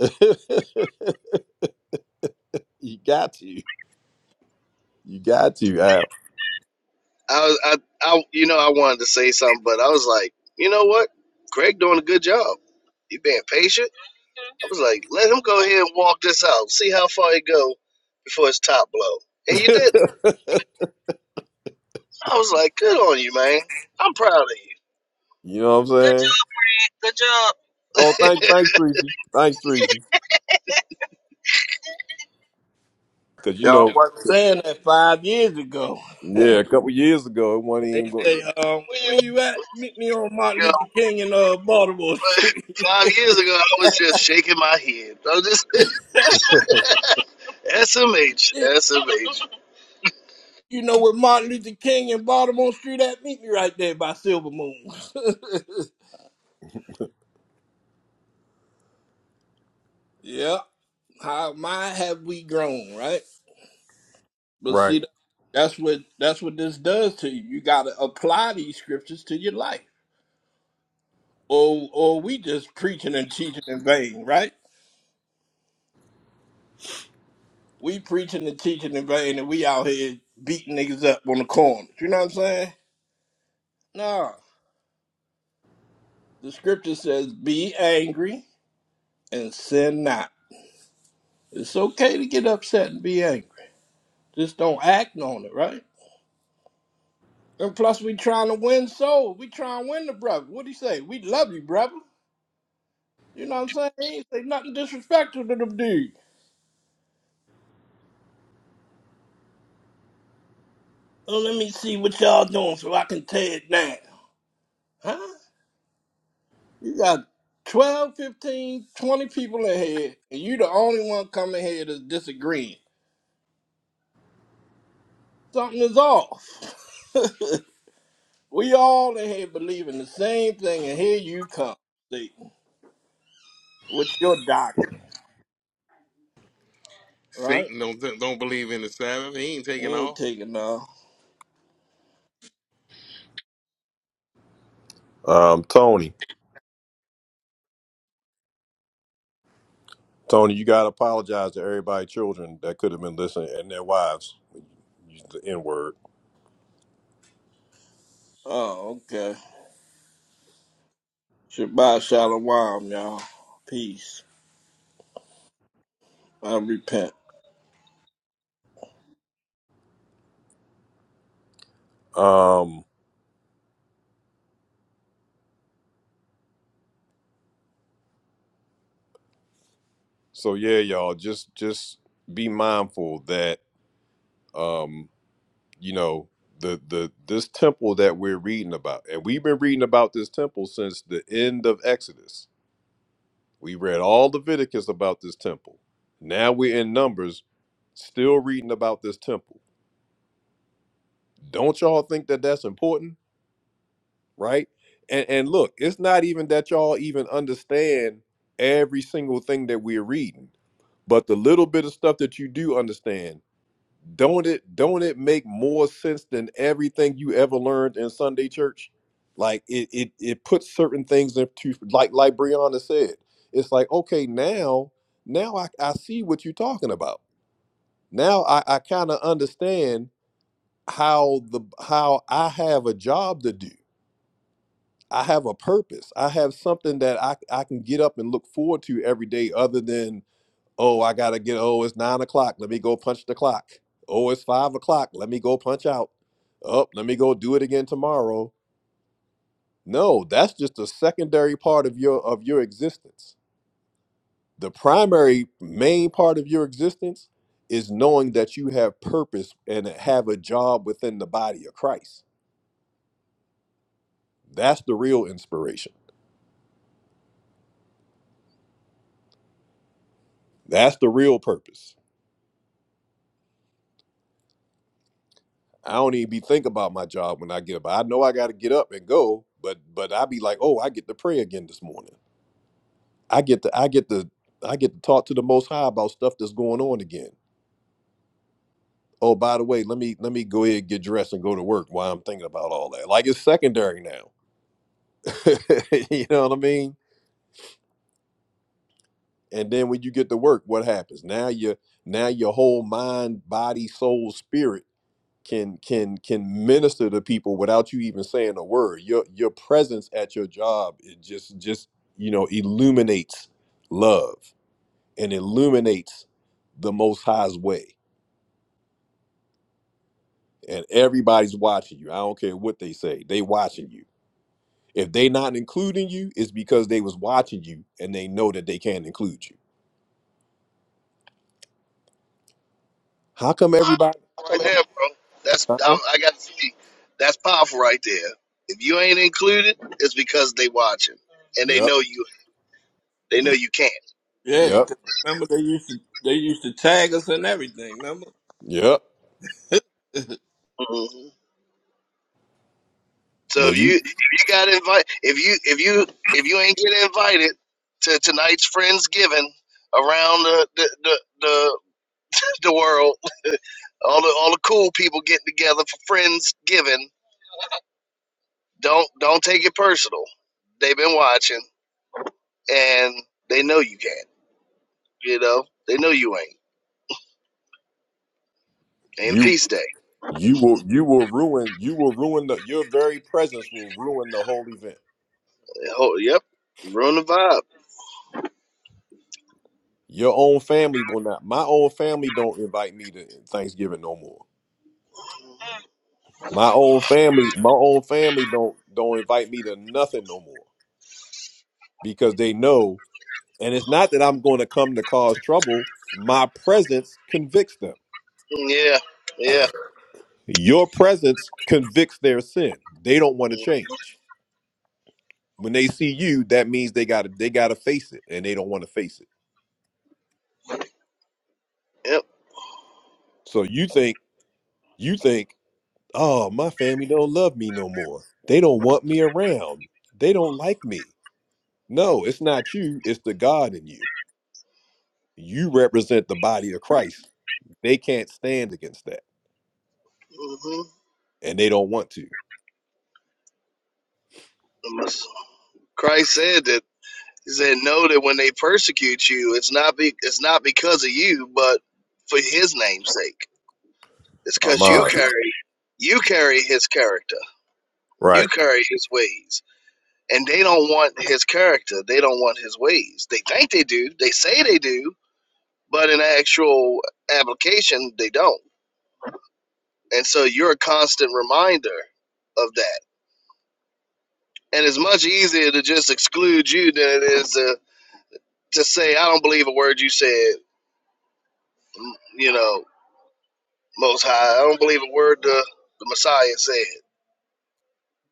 A: you got to. You got to, Al.
H: I, was- I, I, you know, I wanted to say something, but I was like, you know what? Greg doing a good job. He being patient. I was like, let him go ahead and walk this out. See how far he go before his top blow. And you didn't. I was like, good on you, man. I'm proud of you.
A: you know what I'm saying? Oh, thank, thanks, Treasy. Thanks, Treasy. Because, you know,
D: Y'all wasn't saying that five years ago.
A: yeah, a couple years ago, it wasn't even
D: They
A: going.
D: say, um, where you at? Meet me on Martin
H: You know,
D: Luther King and uh, Baltimore Street.
H: Five years ago, I was just shaking my head. I was just SMH,
D: Yeah,
H: SMH.
D: you know where Martin Luther King and Baltimore Street at? Meet me right there by Silver Moon. yeah, How my have we grown, right? But
A: Right.
D: see, that's what that's what this does to you. You got to apply these scriptures to your life, or or we just preaching and teaching in vain, right? We preaching and teaching in vain, and we out here beating niggas up on the corners. You know what I'm saying? No. the scripture says, "Be angry and sin not." It's okay to get upset and be angry. Just don't act on it, right? And plus, we trying to win souls. We trying to win the brother. What do you say? We love you, brother. You know what I'm saying? He ain't say nothing disrespectful to them dudes. Oh, let me see what y'all doing so I can tear it down. Huh? You got 12, 15, 20 people in here, and you the only one coming here that's disagreeing. Something is off. We all in here believing the same thing, and here you come, Satan, with your doctrine, right?
C: Satan don't don't believe in the Sabbath. He ain't taking
D: He
C: off.
D: ain't taking no.
A: Um, Tony. Tony, you got to apologize to everybody, children that could have been listening and their wives. Use the N word.
D: Oh, okay. Shabbat shalom, y'all. Peace. I repent.
A: Um, so, yeah, y'all, just just be mindful that. um, you know the the this temple that we're reading about and we've been reading about this temple since the end of exodus we read all leviticus about this temple now we're in numbers still reading about this temple don't y'all think that that's important right and and look it's not even that y'all even understand every single thing that we're reading but the little bit of stuff that you do understand Don't it don't it make more sense than everything you ever learned in Sunday church? Like it it it puts certain things into like like Brianna said. It's like, okay, now now I, I see what you're talking about. Now I, I kind of understand how the how I have a job to do. I have a purpose. I have something that I, I can get up and look forward to every day other than Oh, I gotta get. Oh, it's nine o'clock. Let me go punch the clock. Oh, it's five o'clock. Let me go punch out. Oh, let me go do it again tomorrow. No, that's just a secondary part of your of your existence. The primary main part of your existence is knowing that you have purpose and have a job within the body of Christ. That's the real inspiration. That's the real purpose. I don't even be thinking about my job when I get up. I know I got to get up and go, but but I be like, oh, I get to pray again this morning. I get to I get to I get to talk to the Most High about stuff that's going on again. Oh, by the way, let me let me go ahead and get dressed and go to work while I'm thinking about all that. Like it's secondary now. you know what I mean? And then when you get to work, what happens? Now your now your whole mind, body, soul, spirit can can can minister to people without you even saying a word. Your your presence at your job it just just you know illuminates love and illuminates the Most High's way and everybody's watching you. I don't care what they say. They watching you. If they not including you, it's because they was watching you and they know that they can't include you. How come everybody?
H: Come here, bro. That's I'm,
A: Huh?
H: I got to see. That's powerful right there. If you ain't included, it's because they watching and they
A: Yep.
H: know you. They know you can't.
D: Yeah,
A: Yep.
D: 'cause remember they used to they used to tag us and everything. Remember?
A: Yep.
D: yeah,
H: Mhm. So
A: When
H: if you
A: you
H: if you got invite if you if you if you ain't get invited to tonight's friendsgiving around the the the, the, the world, all the all the cool people getting together for friendsgiving, don't don't take it personal. They've been watching and they know you can't. You know they know you ain't. Ain't a
A: you
H: feast day.
A: you will you will ruin you will ruin the your very presence will ruin the whole event.
H: Oh, yep, ruin the vibe.
A: Your own family will not. My own family don't invite me to Thanksgiving no more. My own family, my own family don't don't invite me to nothing no more because they know And it's not that I'm going to come to cause trouble. My presence convicts them.
H: Yeah, yeah,
A: Your presence convicts their sin. They don't want to change. When they see you, that means they got to they got to face it and they don't want to face it.
H: yep.
A: So you think you think, "Oh, my family don't love me no more. They don't want me around. They don't like me." No, it's not you, it's the God in you. You represent the body of Christ. They can't stand against that
H: hmm
A: and they don't want to.
H: Christ said that. He said, "Know that when they persecute you, it's not be it's not because of you, but for His name's sake. It's
A: Oh
H: because you
A: my.
H: carry you carry His character,
A: Right.
H: you carry His ways, and they don't want His character. They don't want His ways. They think they do. They say they do, but in actual application, they don't. And so you're a constant reminder of that. And it's much easier to just exclude you than it is to to say I don't believe a word you said. You know, Most High. I don't believe a word the, the Messiah said.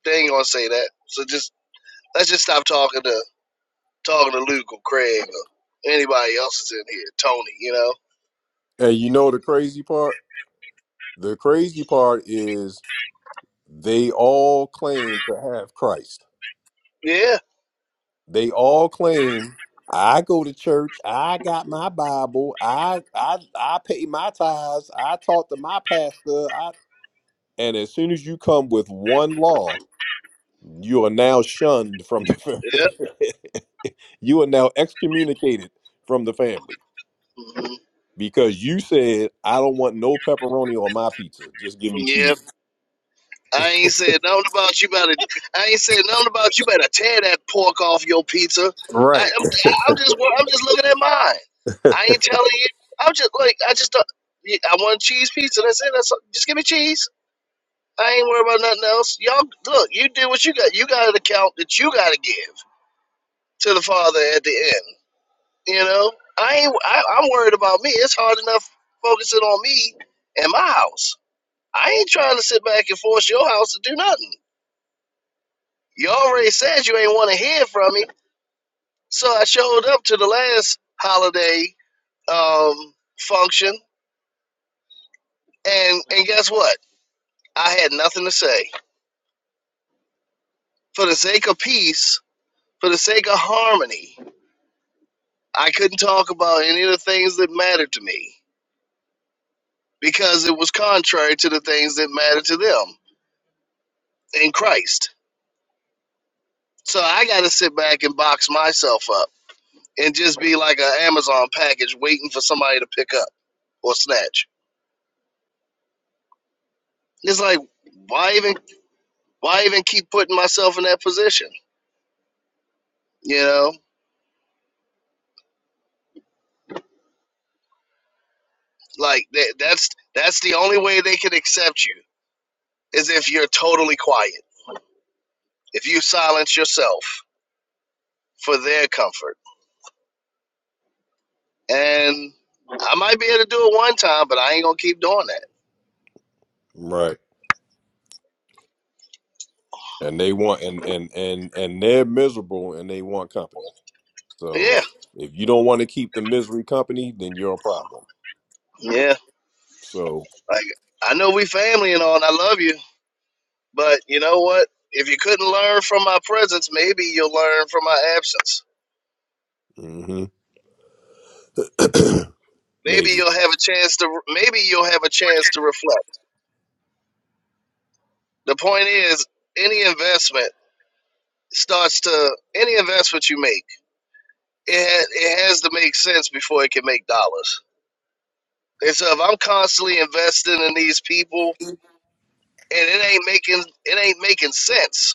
H: They ain't gonna say that. So just let's just stop talking to talking to Luke or Craig or anybody else that's in here. Tony, you know.
A: Hey, you know the crazy part? The crazy part is they all claim to have Christ.
H: Yeah.
A: They all claim I go to church, I got my Bible, I I I pay my tithes, I talk to my pastor, I and as soon as you come with one law, you are now shunned from the
H: Yep.
A: family. you are now excommunicated from the family
H: hmm
A: because you said I don't want no pepperoni on my pizza. Just give me
H: Yep.
A: cheese.
H: I ain't said nothing about you better. I ain't said nothing about you better tear that pork off your pizza. I,
A: Right.
H: I'm, I'm just I'm just looking at mine. I ain't telling you. I'm just like I just do I want a cheese pizza. That's it. That's all. just give me cheese. I ain't worried about nothing else. Y'all, look, you did what you got. You got an account that you got to give to the father at the end. You know, I ain't. I, I'm worried about me. It's hard enough focusing on me and my house. I ain't trying to sit back and force your house to do nothing. You already said you ain't want to hear from me, so I showed up to the last holiday um, function, and and guess what? I had nothing to say. For the sake of peace, for the sake of harmony, I couldn't talk about any of the things that mattered to me because it was contrary to the things that mattered to them in Christ. So I got to sit back and box myself up and just be like an Amazon package waiting for somebody to pick up or snatch. It's like why even why even keep putting myself in that position? You know, like that, that's that's the only way they can accept you is if you're totally quiet. If you silence yourself for their comfort and I might be able to do it one time, but I ain't gonna keep doing that.
A: Right. and they want and and and and they're miserable and they want company so
H: Yeah,
A: if you don't want to keep the misery company then you're a problem
H: yeah.
A: so
H: Like I know we family and all, and I love you, but you know what? If you couldn't learn from my presence, maybe you'll learn from my absence.
A: hmm
H: Maybe
A: maybe
H: you'll have a chance to. Maybe you'll have a chance to reflect. The point is, any investment starts to any investment you make. It ha- it has to make sense before it can make dollars. And so, if I'm constantly investing in these people and it ain't making it ain't making sense,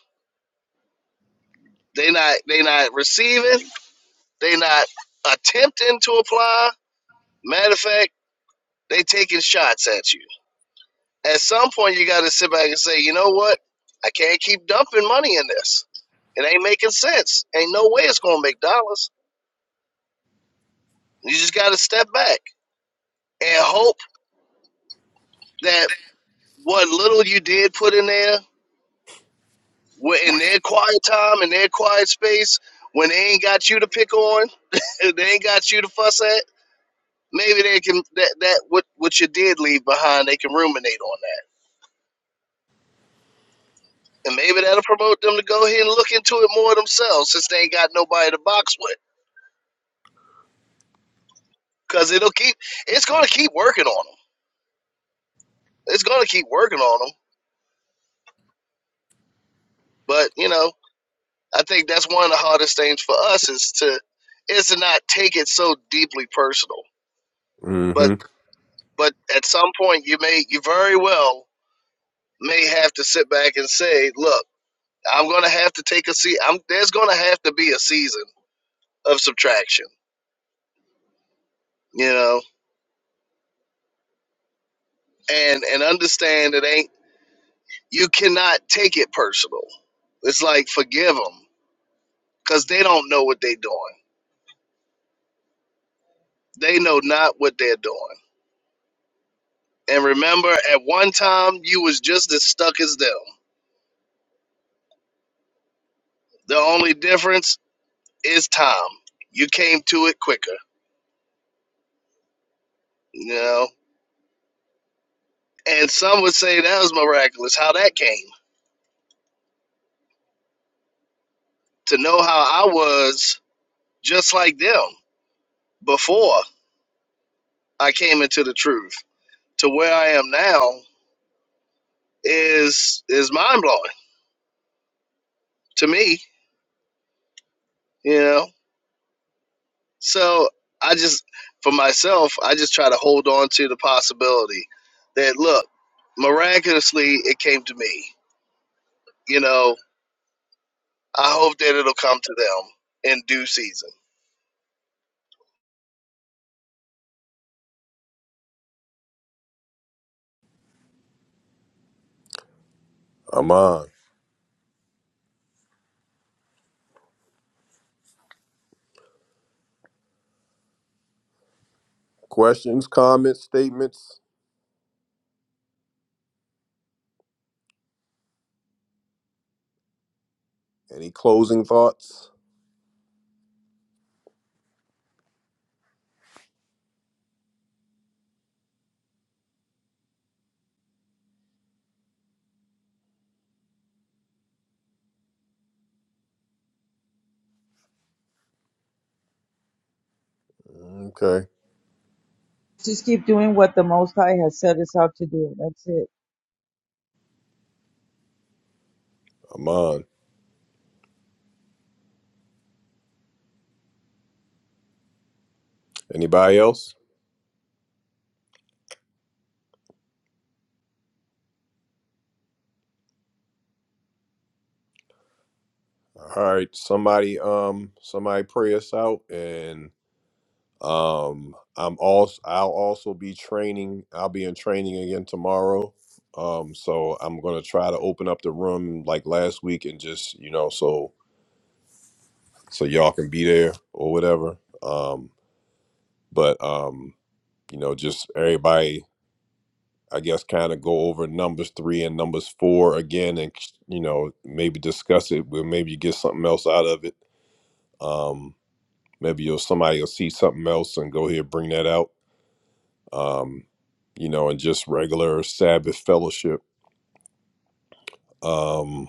H: They not they not receiving. They not attempting to apply. Matter of fact, they taking shots at you. At some point, you got to sit back and say, you know what? I can't keep dumping money in this. It ain't making sense. Ain't no way it's gonna make dollars. You just got to step back and hope that what little you did put in there, in their quiet time, in their quiet space, when they ain't got you to pick on, they ain't got you to fuss at. maybe they can that that what what you did leave behind, they can ruminate on that, and maybe that'll promote them to go ahead and look into it more themselves since they ain't got nobody to box with. Because it'll keep it's going to keep working on them. It's going to keep working on them. But you know, I think that's one of the hardest things for us is to is to not take it so deeply personal. But
A: hmm
H: but at some point, you may you very well may have to sit back and say, look. I'm gonna have to take a seat. I'm there's gonna have to be a season of subtraction, you know, and and understand it ain't you cannot take it personal. It's like forgive them because they don't know what they're doing. They know not what they're doing. And remember, at one time you was just as stuck as them. The only difference is time. You came to it quicker, you know. And some would say that was miraculous how that came to know how I was just like them before I came into the truth to where I am now is is mind blowing to me. You know, so I just for myself, I just try to hold on to the possibility that look, miraculously, it came to me. You know, I hope that it'll come to them in due season.
A: i'm on questions comments statements any closing thoughts okay
J: Just keep doing what the Most High has set us out to do. That's it.
A: i'm on anybody else all right somebody um somebody pray us out and Um, I'm also I'll also be training. I'll be in training again tomorrow. Um, so I'm gonna try to open up the room like last week and just you know so so y'all can be there or whatever. Um, but um, you know just everybody I guess kind of go over numbers three and numbers four again and you know maybe discuss it. We'll maybe get something else out of it. Um, maybe you'll somebody will see something else and go here bring that out um, you know, and just regular Sabbath fellowship. Um,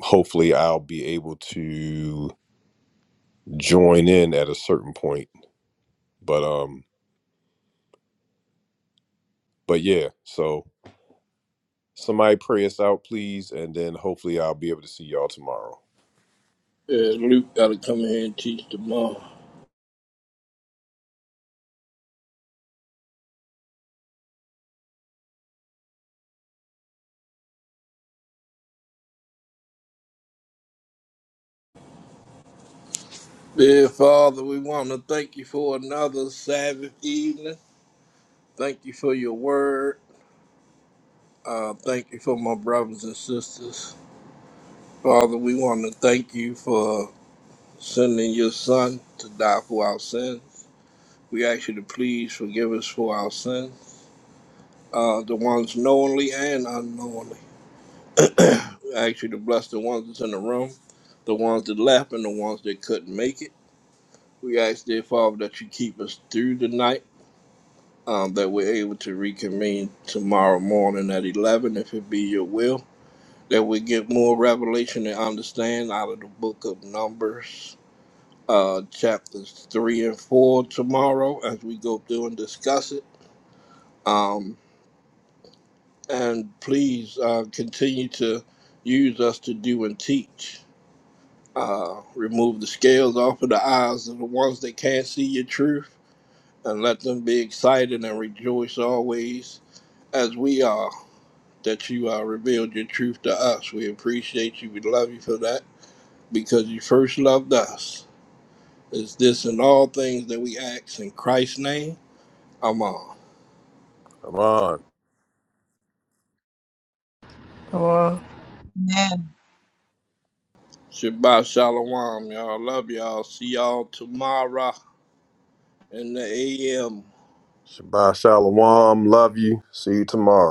A: hopefully, I'll be able to join in at a certain point. But um, but yeah, so somebody pray us out, please, and then hopefully I'll be able to see See y'all tomorrow.
D: Luke got to come here and teach tomorrow. Dear Father, we want to thank you for another Sabbath evening. Thank you for your word. Uh, thank you for my brothers and sisters. Father, we want to thank you for sending your son to die for our sins. We ask you to please forgive us for our sins, uh, the ones knowingly and unknowingly. I ask you to bless the ones that's in the room, the ones that left, and the ones that couldn't make it. We ask, dear Father, that you keep us through the night, um, that we're able to reconvene tomorrow morning at 11, if it be your will, that we get more revelation and understand out of the book of Numbers, uh, chapters 3 and 4 tomorrow as we go through and discuss it. Um, and please uh, continue to use us to do and teach. Uh, remove the scales off of the eyes of the ones that can't see your truth, and let them be excited and rejoice always as we are that you uh, revealed your truth to us. We appreciate you. We love you for that because you first loved us. It's this and all things that we ask in Christ's name. Amen.
A: Come on.
F: Come on.
J: Amen.
D: Shabbat shalom, y'all. Love y'all. See y'all tomorrow in the AM.
A: Shabbat Shalom. Love you. See you tomorrow. tomorrow. Love